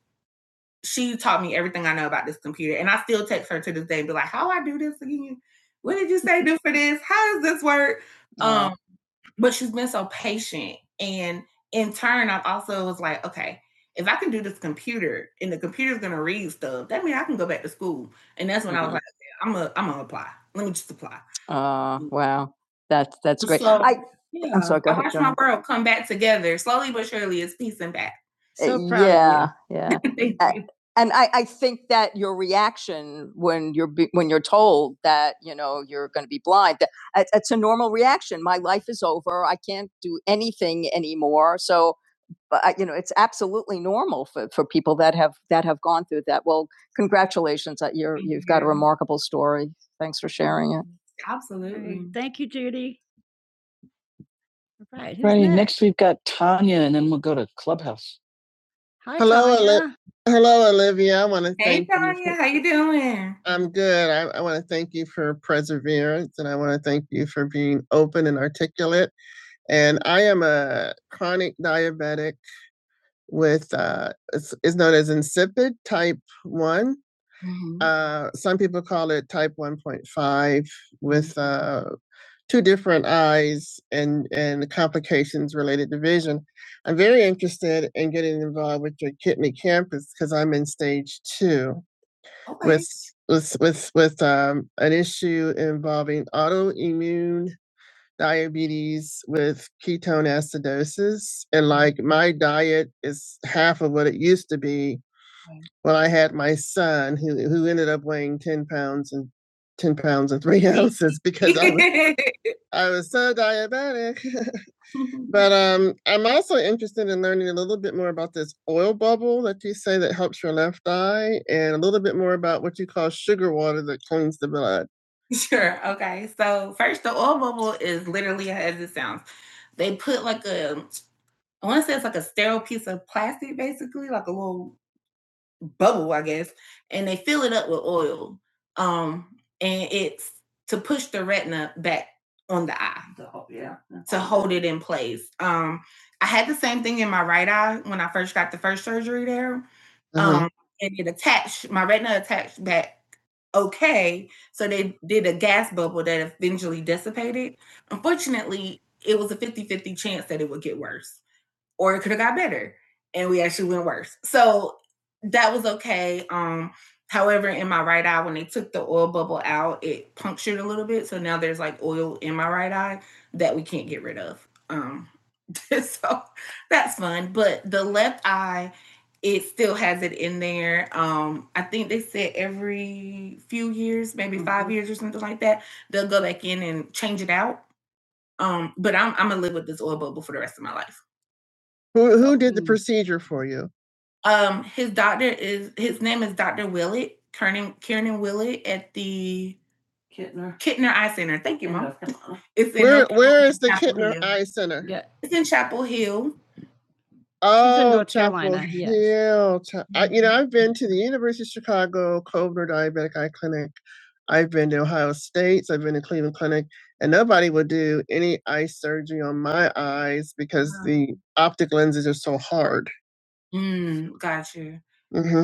she taught me everything I know about this computer, and I still text her to this day and be like, "How do I do this again? What did you say do for this? How does this work?" Um, but she's been so patient. And in turn, I've also was like, okay, if I can do this computer and the computer's gonna read stuff, that means I can go back to school. And that's when mm-hmm. I was Mhm. like, "Okay, I'm gonna I'm gonna apply. Let me just apply. Uh, wow. That's that's great. So I I'm yeah, I'm sorry. Go I ahead, watched John. my world come back together slowly but surely. It's piecing back. So proud yeah, of you. Yeah, yeah. And I, I think that your reaction when you're when you're told that you know you're going to be blind it's a normal reaction. My life is over. I can't do anything anymore. So, but uh, you know, it's absolutely normal for, for people that have that have gone through that. Well, congratulations that you're you've got a remarkable story. Thanks for sharing it. right. Absolutely. Thank you, Judy. All right. Right. next? Next, we've got Tanya, and then we'll go to Clubhouse. Hi, Hello, Tanya. Oli- Hello, Olivia. I want to Hey, thank Tanya, you. Hey, Tanya, how you doing? I'm good. I want to thank. I want to thank you for being open and articulate. And I am a chronic diabetic with, uh, it's, it's known as insipid type 1. Mhm. Uh, some people call it type 1.5 with uh, two different eyes and, and complications related to vision. I'm very interested in getting involved with your kidney campus because I'm in stage two Okay. with with with with um, an issue involving autoimmune diabetes with ketone acidosis and like my diet is half of what it used to be when I had my son who who ended up weighing 10 pounds and 10 pounds and three ounces because I was I was so diabetic. But um, I'm also interested in learning a little bit more about this oil bubble that you say that helps your left eye, and a little bit more about what you call sugar water that cleans the blood. Sure. Okay. So first, the oil bubble is literally as it sounds. They put like a, I want to say it's like a sterile piece of plastic, basically, like a little bubble, I guess, and they fill it up with oil. Um, and it's to push the retina back on the eye The yeah. to hold it in place. Um, I had the same thing in my right eye when I first got the first surgery there. Uh-huh. Um, and it attached my retina attached back okay. So they did a gas bubble that eventually dissipated. Unfortunately, it was a fifty-fifty chance that it would get worse or it could have got better and we actually went worse so that was okay um however in my right eye when they took the oil bubble out it punctured a little bit so now there's like oil in my right eye that we can't get rid of um so that's fun but the left eye it still has it in there um i think they said every few years maybe mm-hmm. five years or something like that they'll go back in and change it out um but i'm, I'm gonna live with this oil bubble for the rest of my life So. Who did the Mm. Um, his doctor is his name is Dr. Willett, Kernan Kiernan Willett at the Kittner. Kittner Eye Center. Thank you, Mom. North It's in Where North where is the Chapel Kittner Hill. Eye Center? Yeah. It's in Chapel Hill. Oh, North Chapel Carolina, yes. Hill. Cha- I, you know, I've been to the University of Chicago Kovner Diabetic Eye Clinic. I've been to Ohio State Cleveland Clinic, and nobody would do any eye surgery on my eyes because Wow. the optic lenses are so hard. Mm, got you. Mhm.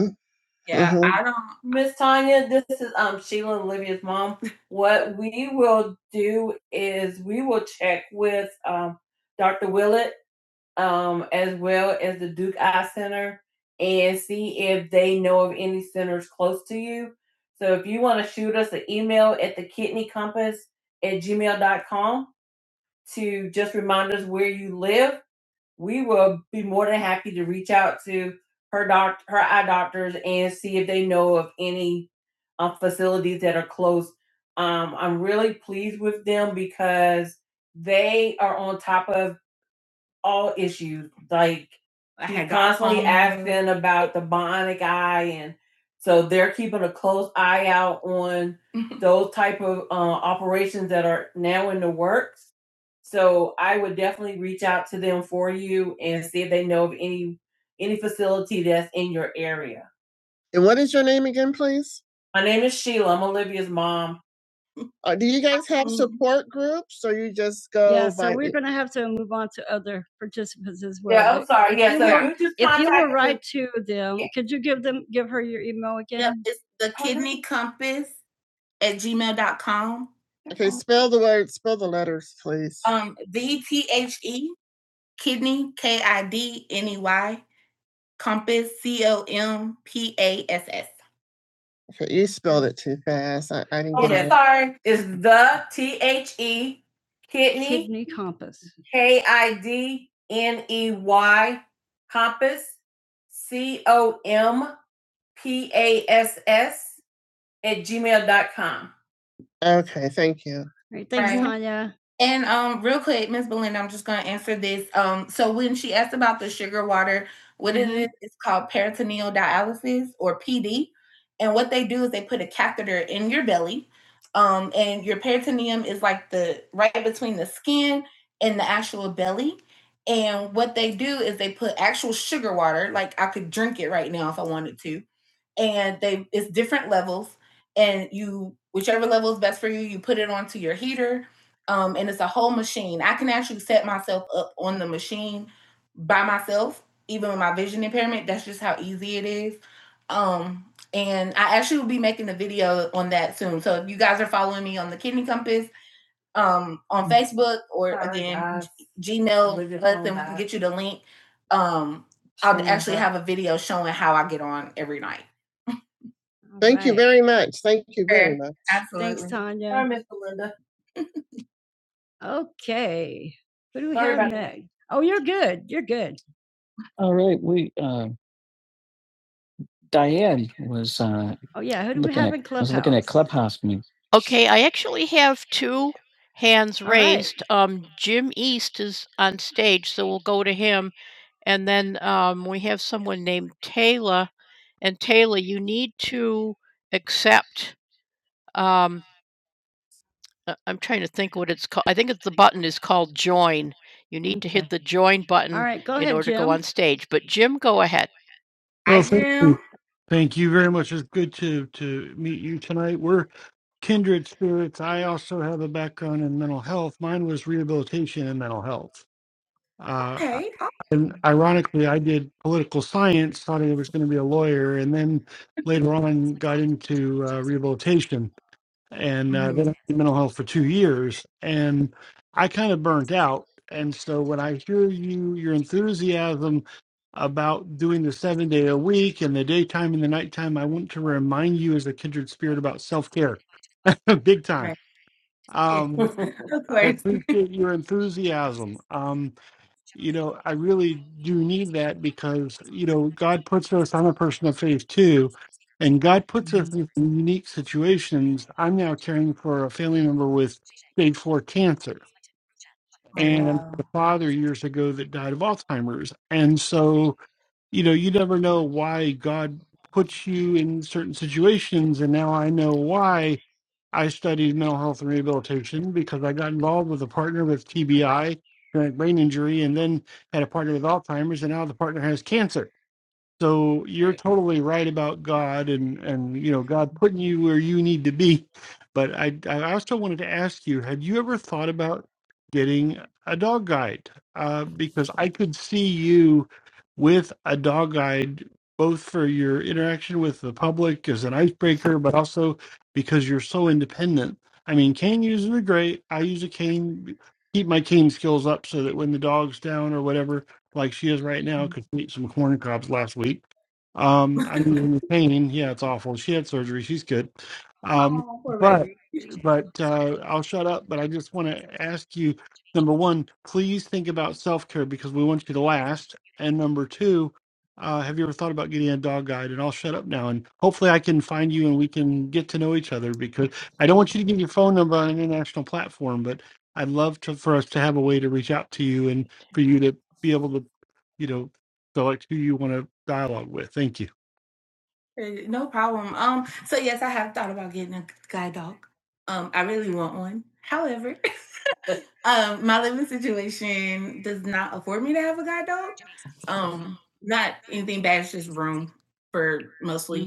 Yeah, Mhm. I don't. Miss Tanya, this is um Sheila and Olivia's mom. What we will do is we will check with um Dr. Willett um as well as the Duke Eye Center and see if they know of any centers close to you. So if you want to shoot us an email at the kidney compass at gmail dot com to just remind us where you live we will be more than happy to reach out to her doc, her eye doctors, and see if they know of any uh, facilities that are close. Um, I'm really pleased with them because they are on top of all issues. Like I had constantly asking about the bionic eye, and so they're keeping a close eye out on those type of uh, operations that are now in the works. So I would definitely reach out to them for you and see if they know of any any facility that's in your area. And what is your name again, please? My name is Sheila. I'm Olivia's mom. Uh, do you guys have Um, support groups or you just go Yeah, so by we're the- going to have to move on to other participants as well. Yeah, I'm sorry. Yeah, you so you, were- just If you were will write to them, Yeah. could you give them, give her your email Yeah, again? Yeah, it's the kidney compass at gmail.com. Okay, spell the word, spell the letters, please. Um, D T H E kidney K I D N E Y compass C O M P A S S you spelled it too fast. I, I didn't Oh, get yeah, it. sorry. It's the T H E kidney Kidney compass. K I D N E Y compass C O M P A S S at gmail dot com. Okay, thank you. All Right. Thanks, Right. Tanya. And um, real quick, Miss Belinda, I'm just gonna answer this. Um, so when she asked about the sugar water, what it is, it's called peritoneal dialysis or PD. And what they do is they put a catheter in your belly. Um, and your peritoneum is like the right between the skin and the actual belly. And what they do is they put actual sugar water, like I could drink it right now if I wanted to. And they it's different levels and you whichever level is best for you you put it onto your heater um, and it's a whole machine i can actually set myself up on the machine by myself even with my vision impairment that's just how easy it is um, and i actually will be making a video on that soon so if you guys are following me on the kidney compass um, on facebook or Sorry, again guys. gmail let them get you the link um, i'll actually have a video showing how i get on every night all Thank right. you very much. Thank you sure. very Sure. much. Absolutely. Thanks, Tanya. Sorry, Miss Belinda. Okay. Who do we Sorry have about that. Oh, you're good. You're good. All right, we uh, Diane was uh, Oh, yeah. Who do we looking have at, in Clubhouse? I was looking at Clubhouse. Me, right. Go.
Well,
Hi,
thank
Jim.
you. Thank you very much. It's good to to meet you tonight. We're kindred spirits. I also have a background in mental health. Mine was rehabilitation and mental health. Uh,
Okay. All
and ironically, I did political science, thought I was going to be a lawyer, and then later on got into uh, rehabilitation and uh, then I did mental health for two years, and I kind of burnt out. And so when I hear you, your enthusiasm about doing the seven day a week and the daytime and the nighttime, I want to remind you as a kindred spirit about self care, big time.
right. Yeah,
Um,
of
I
course.
appreciate your enthusiasm. Um, you know, I really do need that because, you know, God puts us, I'm a person of faith too, and God puts
Oh
us in some unique situations. I'm now caring for a family member with stage four cancer
Wow.
and
wow.
a father years ago that died of Alzheimer's. And so, you know, you never know why God puts you in certain situations. And now I know why. I studied mental health and rehabilitation because I got involved with a partner with TBI, chronic brain injury, and then had a partner with Alzheimer's, and now the partner has cancer. So you're totally right about God and and you know God putting you where you need to be. But I I also wanted to ask you, have you ever thought about getting a dog guide? Uh, because I could see you with a dog guide both for your interaction with the public as an icebreaker, but also because you're so independent. I mean, cane users are great. I use a cane, keep my cane skills up so that when the dog's down or whatever, like she is right now because she ate some corn cobs last week. Um, I am using the pain, yeah, it's awful. She had surgery. She's good. Um, but but uh, I'll shut up. But I just want to ask you, number one, please think about self care because we want you to last. And number two, uh, have you ever thought about getting a dog guide? And I'll shut up now. And hopefully, I can find you and we can get to know each other because I don't want you to give your phone number on an international platform, but I'd love to for us to have a way to reach out to you and for you to be able to, you know, select who you want to dialogue with. Thank you.
Eh, No problem. Um, so yes, I have thought about getting a guide dog. Um, I really want one. However, Um, my living situation does not afford me to have a guide dog. Um, not anything bad, it's just room for mostly.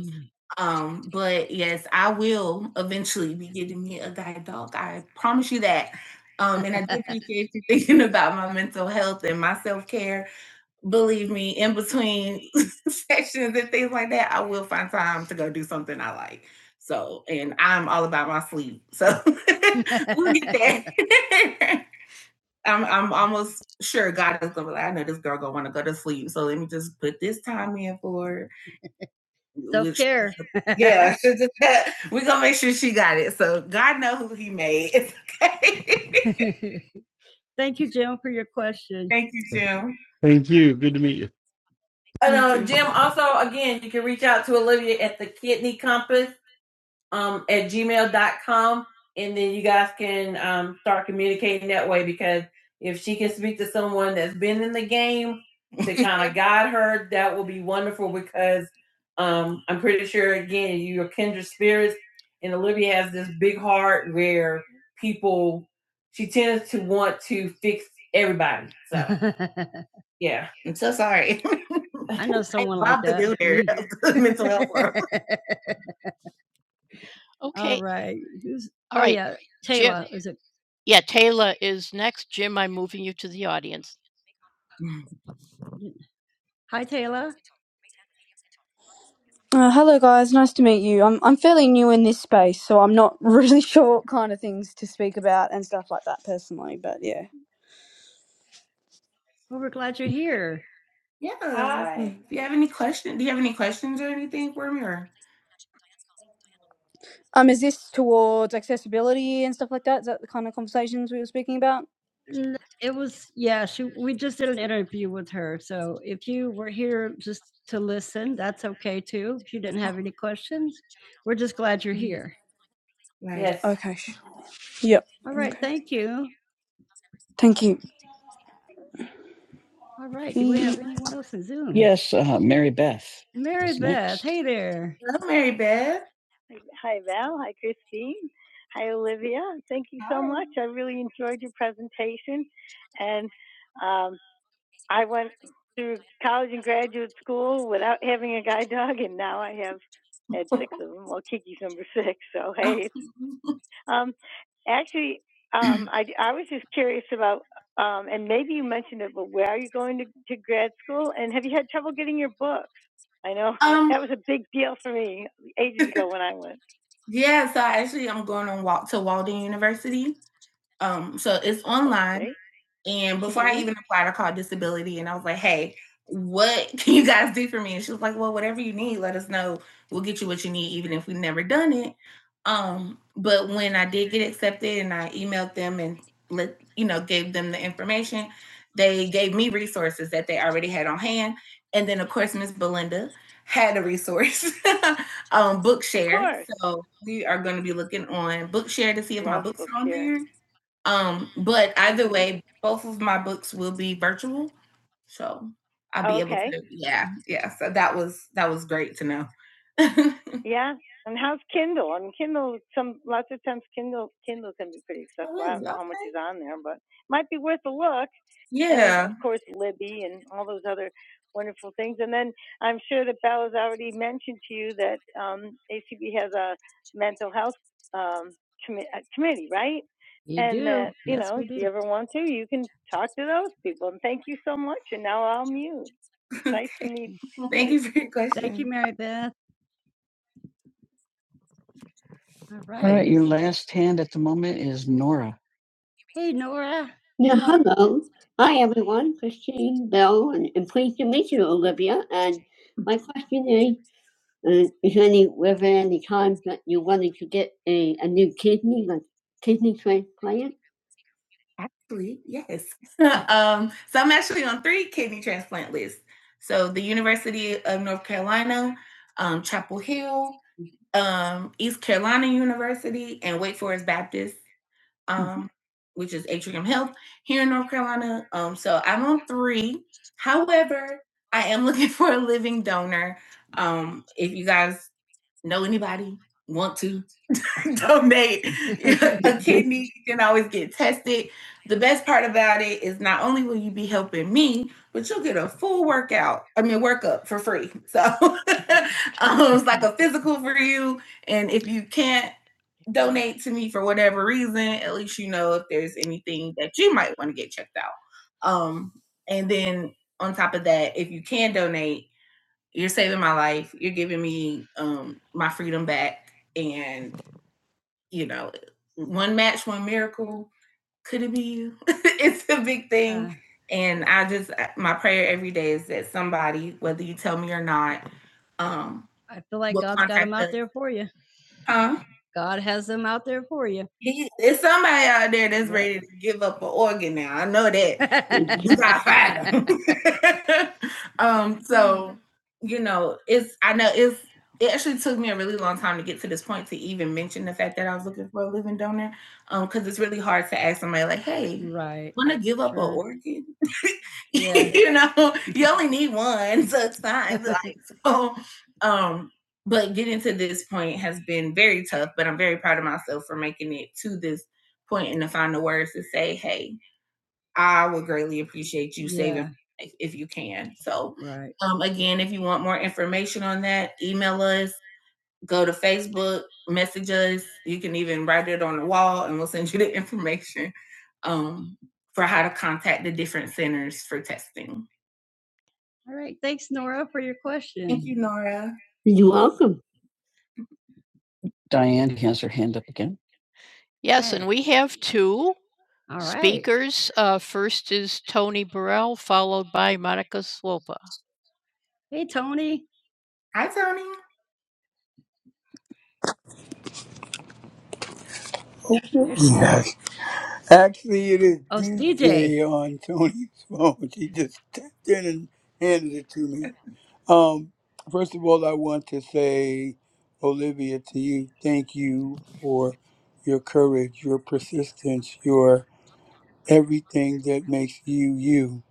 Um, but yes, I will eventually be getting me a guide dog. I promise you that. Um, and I do appreciate you thinking about my mental health and my self care. Believe me, in between sessions and things like that, I will find time to go do something I like. So, and I'm all about my sleep. So we'll get there. I'm I'm almost sure God is gonna be like, I know this girl gonna want to go to sleep, so let me just put this time in for her. Self care. yeah, we're gonna make sure she got it. So God knows who He made. It's okay. Thank you, Jim, for your question. Thank you, Jim.
Thank you. Good to meet you.
And uh, Jim, also again, you can reach out to a Alicia if she can speak to someone that's again to kind of guide her. That will be wonderful because um, I'm pretty sure again you're kindred spirits. And Olivia has this big heart where people she tends to want to fix everybody. So yeah, I yeah. know someone I like that. mental health world. right. Who's, uh, is it? Hi, Taylor.
Uh, hello, guys. Nice to meet you. I'm I'm fairly new in this space, so I'm not really sure what kind of things to speak about and stuff like that personally. But yeah,
Well, we're glad you're here. Hi.
Mhm.
Do you have any questions? Do you have any questions or anything for me? Or
um, is this towards accessibility and stuff like that? Is that the kind of conversations we were speaking about?
N it was yeah, she we just did an interview with her, so if you were here just to listen, that's okay too. If you didn't have any questions, we're just glad you're
Mhm.
here. Right. Yes.
Okay. Sure. Yep.
All right,
Okay.
thank you.
Thank
All right, do we
you.
have anyone else in Zoom? Yes, uh, Mary Beth. Mary Who's Beth, next? hey there. Hello, Mary Beth. Uh, Um, I'm just curious about amendable. You're going to Um, that was a big deal ago when yeah, so actually I'm going on walk to Walden University. Um, so it's online. Okay. And before I Mhm. even applied, I called disability and I was like, hey, what can you guys do for me? And she was like, well, whatever you need, let us know. We'll get you what you need, even if we've never done it. Um, but when I did get accepted and I emailed them and let you know, gave them the information, they gave me resources that they already had on hand. And then of course, Miss Belinda had a resource, um, Bookshare. So we are going to be looking on Bookshare to see if my books are on there um, but either way, both of my books will be virtual, so I'll be Okay. able to. Yeah, yeah. So that was that was great to know. yeah. Janelle, i will mute. Nice to meet you. Thank you for your question. Thank you, Mary Beth. All right. All right, your last hand at the moment is Nora. Hey, Nora. Yeah, hello, Bill, and, and pleased to meet you, Olivia. And my question is, uh, is any, were there any times that you wanted to get a, a new kidney, like kidney transplant? Actually, yes. um, so I'm actually on three kidney transplant lists. So the University of North Carolina, um, Chapel Hill, um, East Carolina University, and Wake Forest Baptist, um, mm-hmm. which is Atrium Health here in North Carolina. Um, so I'm on three. However, I am looking for a living donor. Um, if you guys know anybody, want to, donate a kidney. You can always get tested. The best part about it is not only will you be helping me, but you'll get a full workout. I mean, workup for free. So um, it's like a physical for you. And if you can't donate to me for whatever reason, at least you know if there's anything that you might want to get checked out. Um, and then on top of that, if you can donate, you're saving my life. You're giving me um, my freedom back, and you know, one match, one miracle. Could it be you? it's a big thing. Yeah. And I just, my prayer every day is that somebody, whether you tell me or not, um, I feel like God's got contact them out there for you. Huh? God has them out there for you. He- There's somebody out there that's ready to give up an organ now. I know that. You gotta find 'em. um, so you know, it's I know it's it actually took me a really long time to get to this point to even mention the fact that I was looking for a living donor. Um, because it's really hard to ask somebody like, hey, right. wanna give up Sure. an organ? Yeah. you know, you only need one, so it's fine. Like, so um but getting to this point has been very tough but i'm very proud of myself for making it to this point and to find the words to say hey i would greatly appreciate you saving Yeah, my if you can so right. um, again if you want more information on that email us go to facebook message us you can even write it on the wall and we'll send you the information um, for how to contact the different centers for testing All right. Thanks, Nora, for your question. thank you nora You're welcome. Diane has her hand up again. Oh, hey, Tony. Hi, Tony. There she is.
Yes. Actually, it is
Oh, it's DJ.
DJ on Tony's phone. She just tapped in and handed it to me. Um, first of all, I want to say, Olivia, to you, thank you for your courage, your persistence, your everything that makes you you.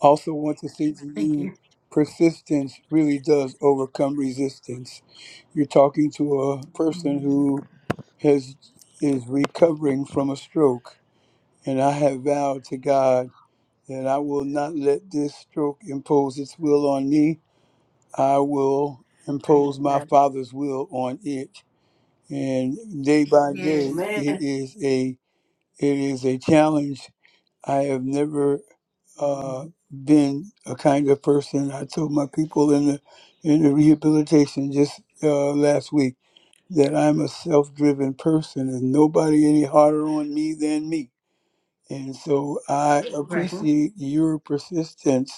Also, want to say to you, persistence really does overcome resistance. You're talking to a person who has is recovering from a stroke and I have vowed to God that I will not let this stroke impose its will on me. I will impose my
Yes,
Father's will on it. And day by day, it is a it is a challenge. I have never uh, been a kind of person. I told my people in the in the rehabilitation just uh, last week that I'm a self-driven person, and nobody any harder on me than me. And so I
Right.
appreciate your persistence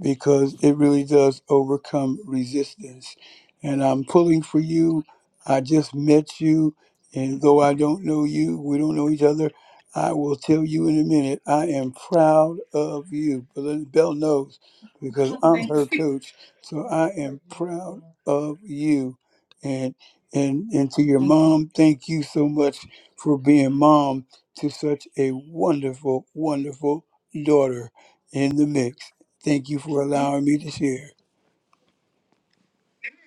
because it really does overcome resistance. And I'm pulling for you. I just met you, and though I don't know you, we don't know each other. I will tell you in a minute. I am proud of you. Belinda Bell knows because I'm her coach. So I am proud of you. And and and to your mom, thank you so much for being mom to such a wonderful, wonderful daughter in the mix. Thank you for
Thank
allowing me to share.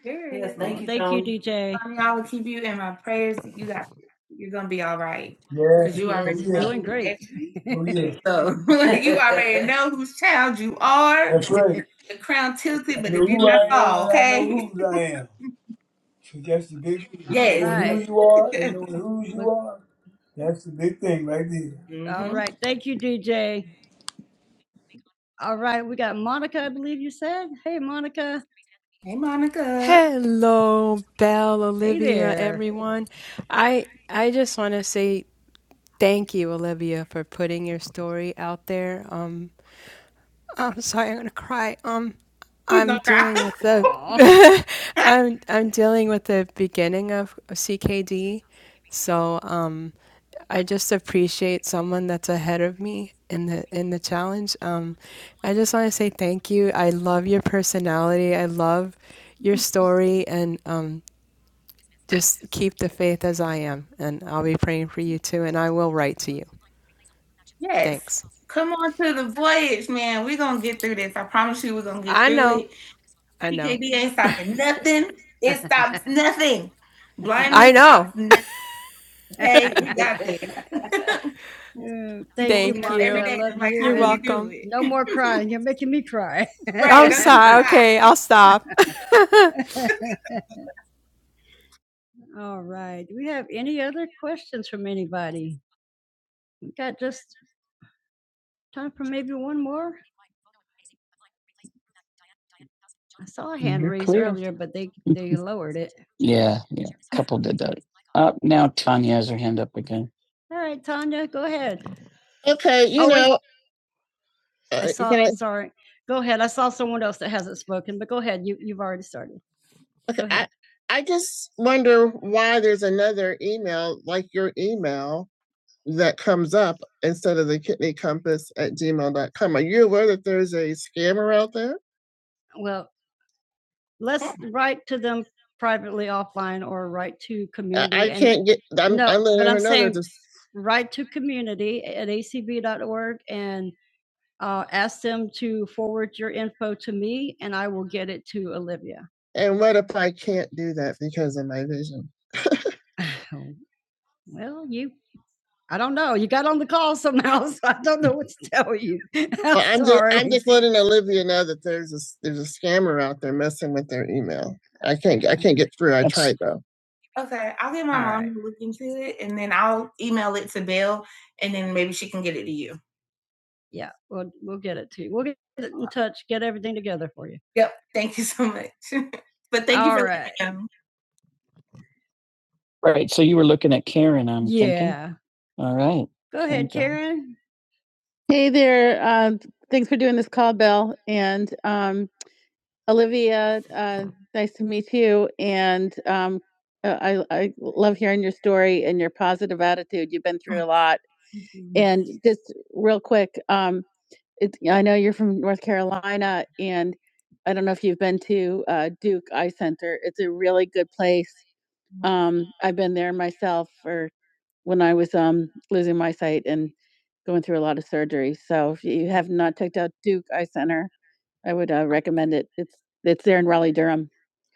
Sure. you. Yes, thank you. Thank Tony. you, DJ. Tony, I will keep you in my prayers. You got, you're gonna be all right because
Yeah.
you are.
Oh
Yes, he's
yeah.
doing great.
Oh yeah.
So you already know whose child you are.
That's right.
The crown
I
tilted, but it
know
did
who
not
I am
fall.
and I know
Okay.
whose I am. So that's the big thing.
Yes.
Knowing who you
All
are
yes.
and
right.
knowing whose
Well,
you are. That's the big thing right there.
mm-hmm. all Mhm. right. Thank you, DJ. All right. We got Monica, I believe you said. Hey, Monica. Hey, Monica.
Hello, Belle,
Hey
Olivia,
there.
everyone. I I just want to say thank you, Olivia, for putting your story out there. Um, I'm sorry, I'm gonna cry. Um, I'm dealing with the,
Aw.
I'm I'm dealing with the beginning of CKD, so um, I just appreciate someone that's ahead of me in the in the challenge. Um, I just want to say thank you. I love your personality. I love your story, and um, just keep the faith as I am, and I'll be praying for you too, and I will write to you.
Yes.
Thanks.
Come on to the voyage, man. We're gonna get through this. I promise you, we're gonna get
I
through
know.
it.
I know.
TKD ain't stopping nothing. It stops nothing.
I
Blindness stops
know.
nothing. Okay, we got this. Mm, People thank you, looking
Thank
up every
you.
Monica. I day love like, you. how
You're
do you And do
welcome.
no more it? crying. You're making me cry. Right,
I'm
don't you
sorry.
cry.
Okay, I'll stop.
All right. Do we have any other questions from anybody? We got just time for maybe one more. I saw a hand You're raise clear. earlier, but they they lowered it. Yeah, yeah. Couple did that. Uh, now Tanya has her hand up again. All right, Tanya, go ahead. Okay, you Oh wait, know, I uh, saw. can I, Sorry, go ahead. I saw someone else that hasn't spoken, but go ahead. You you've already started. Okay, Go ahead. I I just wonder why there's another email like your email that comes up instead of the kidney compass at gmail dot com. Are you aware that there's a scammer out there? Well, let's write to them privately offline or write to community. I I and can't get I'm, No, I'm letting but her I'm know saying just write to community at acb dot org and uh, ask them to forward your info to me and I will get it to Olivia. And what if I can't do that because of my vision? well, you, I don't know. You got on the call somehow, so I don't know what to tell you. I'm, well, I'm, just, I'm just letting Olivia know that there's a s- there's a scammer out there messing with their email. I can't I can't get through. I tried though. Okay, I'll get my All mom right. to look into it, and then I'll email it to Bill, and then maybe she can get it to you. Yeah, we'll we'll get it to you. We'll get it in touch, get everything together for you. Yep. Thank you so much. but thank you All you for right. letting me know. Right. So you were looking at Karen, I'm thinking. Yeah. thinking. All right. Go ahead, Karen. Hey there. Um, thanks for doing this call, Belle And um, Olivia, uh, nice to see you. And um, uh, I, I love hearing your story and your positive attitude. You've been through a lot. And just real quick, um, It's I know you're from North Carolina, and I don't know if you've been to uh, Duke Eye Center. It's a really good place. Um, I've been there myself for when I was um, losing my sight and going through a lot of surgery. So if you have not checked out Duke Eye Center, I would uh, recommend it. It's it's there in Raleigh, Durham.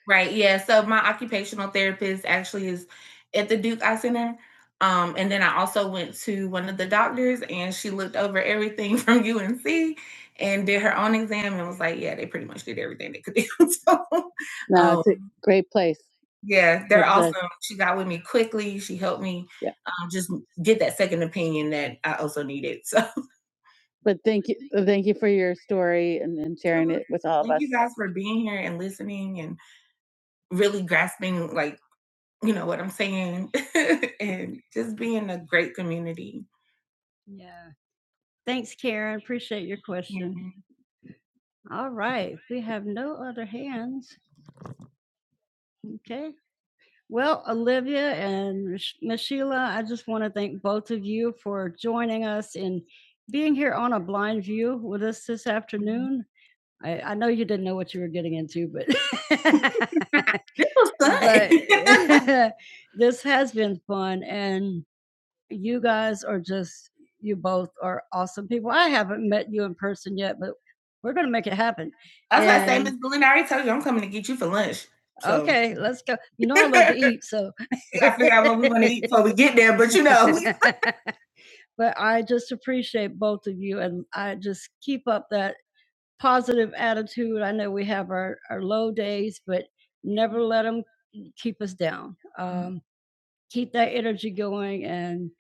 Right, yeah, so my occupational therapist actually is at the Duke Eye Center, um, and then I also went to one of the doctors, and she looked over everything from UNC and did her own exam and was like, "Yeah, they pretty much did everything they could do." So, No, um it's a great place. Yeah, they're Great place. awesome. She got with me quickly, she helped me, Yeah. um, just get that second opinion that I also needed, so But thank you thank you for your story and and sharing Absolutely. it absolutely. with all of Thank us. you guys for being here and listening and really grasping, like, you know what I'm saying, and just being a great community. Yeah. Thanks, Karen. Appreciate your question. Mhm. All right. We have no other hands. Okay. Well, Olivia and Mich- Miss Sheila, I just want to thank both of you for joining us and being here on a blind view with us this afternoon. I I know you didn't know what you were getting into, but It was but fun. this has been fun, and you guys are just you both are awesome people. I haven't met you in person yet, but we're gonna make it happen. I was gonna say, Miss Blue, I already told you I'm coming to get you for lunch. So okay, let's go. You know I love to eat, so I figure out what we want to eat before we get there, but you know. but I just appreciate both of you, and I just keep up that positive attitude. I know we have our, our low days, but never let them keep us down. Mm. Um, keep that energy going and,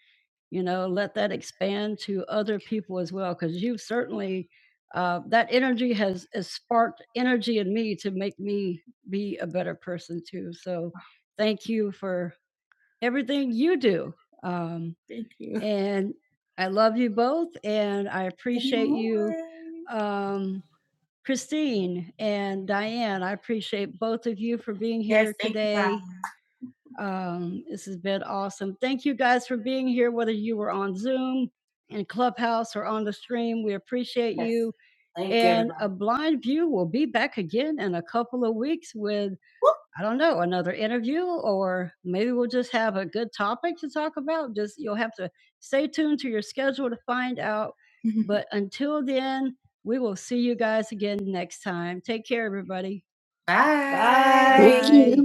you know, let that expand to other people as well. Cause you've certainly, uh, that energy has, has sparked energy in me to make me be a better person too. So thank you for everything you do. Um, Thank you. and I love you both and I appreciate you. Anymore. Um, Christine and Diane, I appreciate both of you for being Yes, here thank you, today. Um, this has been awesome. Thank you guys for being here, whether you were on Zoom, in Clubhouse, or on the stream. We appreciate Yes. you. Thank you, And everybody. A Blind View will be back again in a couple of weeks with I don't know, another interview, or maybe we'll just have a good topic to talk about. Just you'll have to stay tuned to your schedule to find out. But until then, we will see you guys again next time. Take care, everybody. Bye. Bye. Thank you.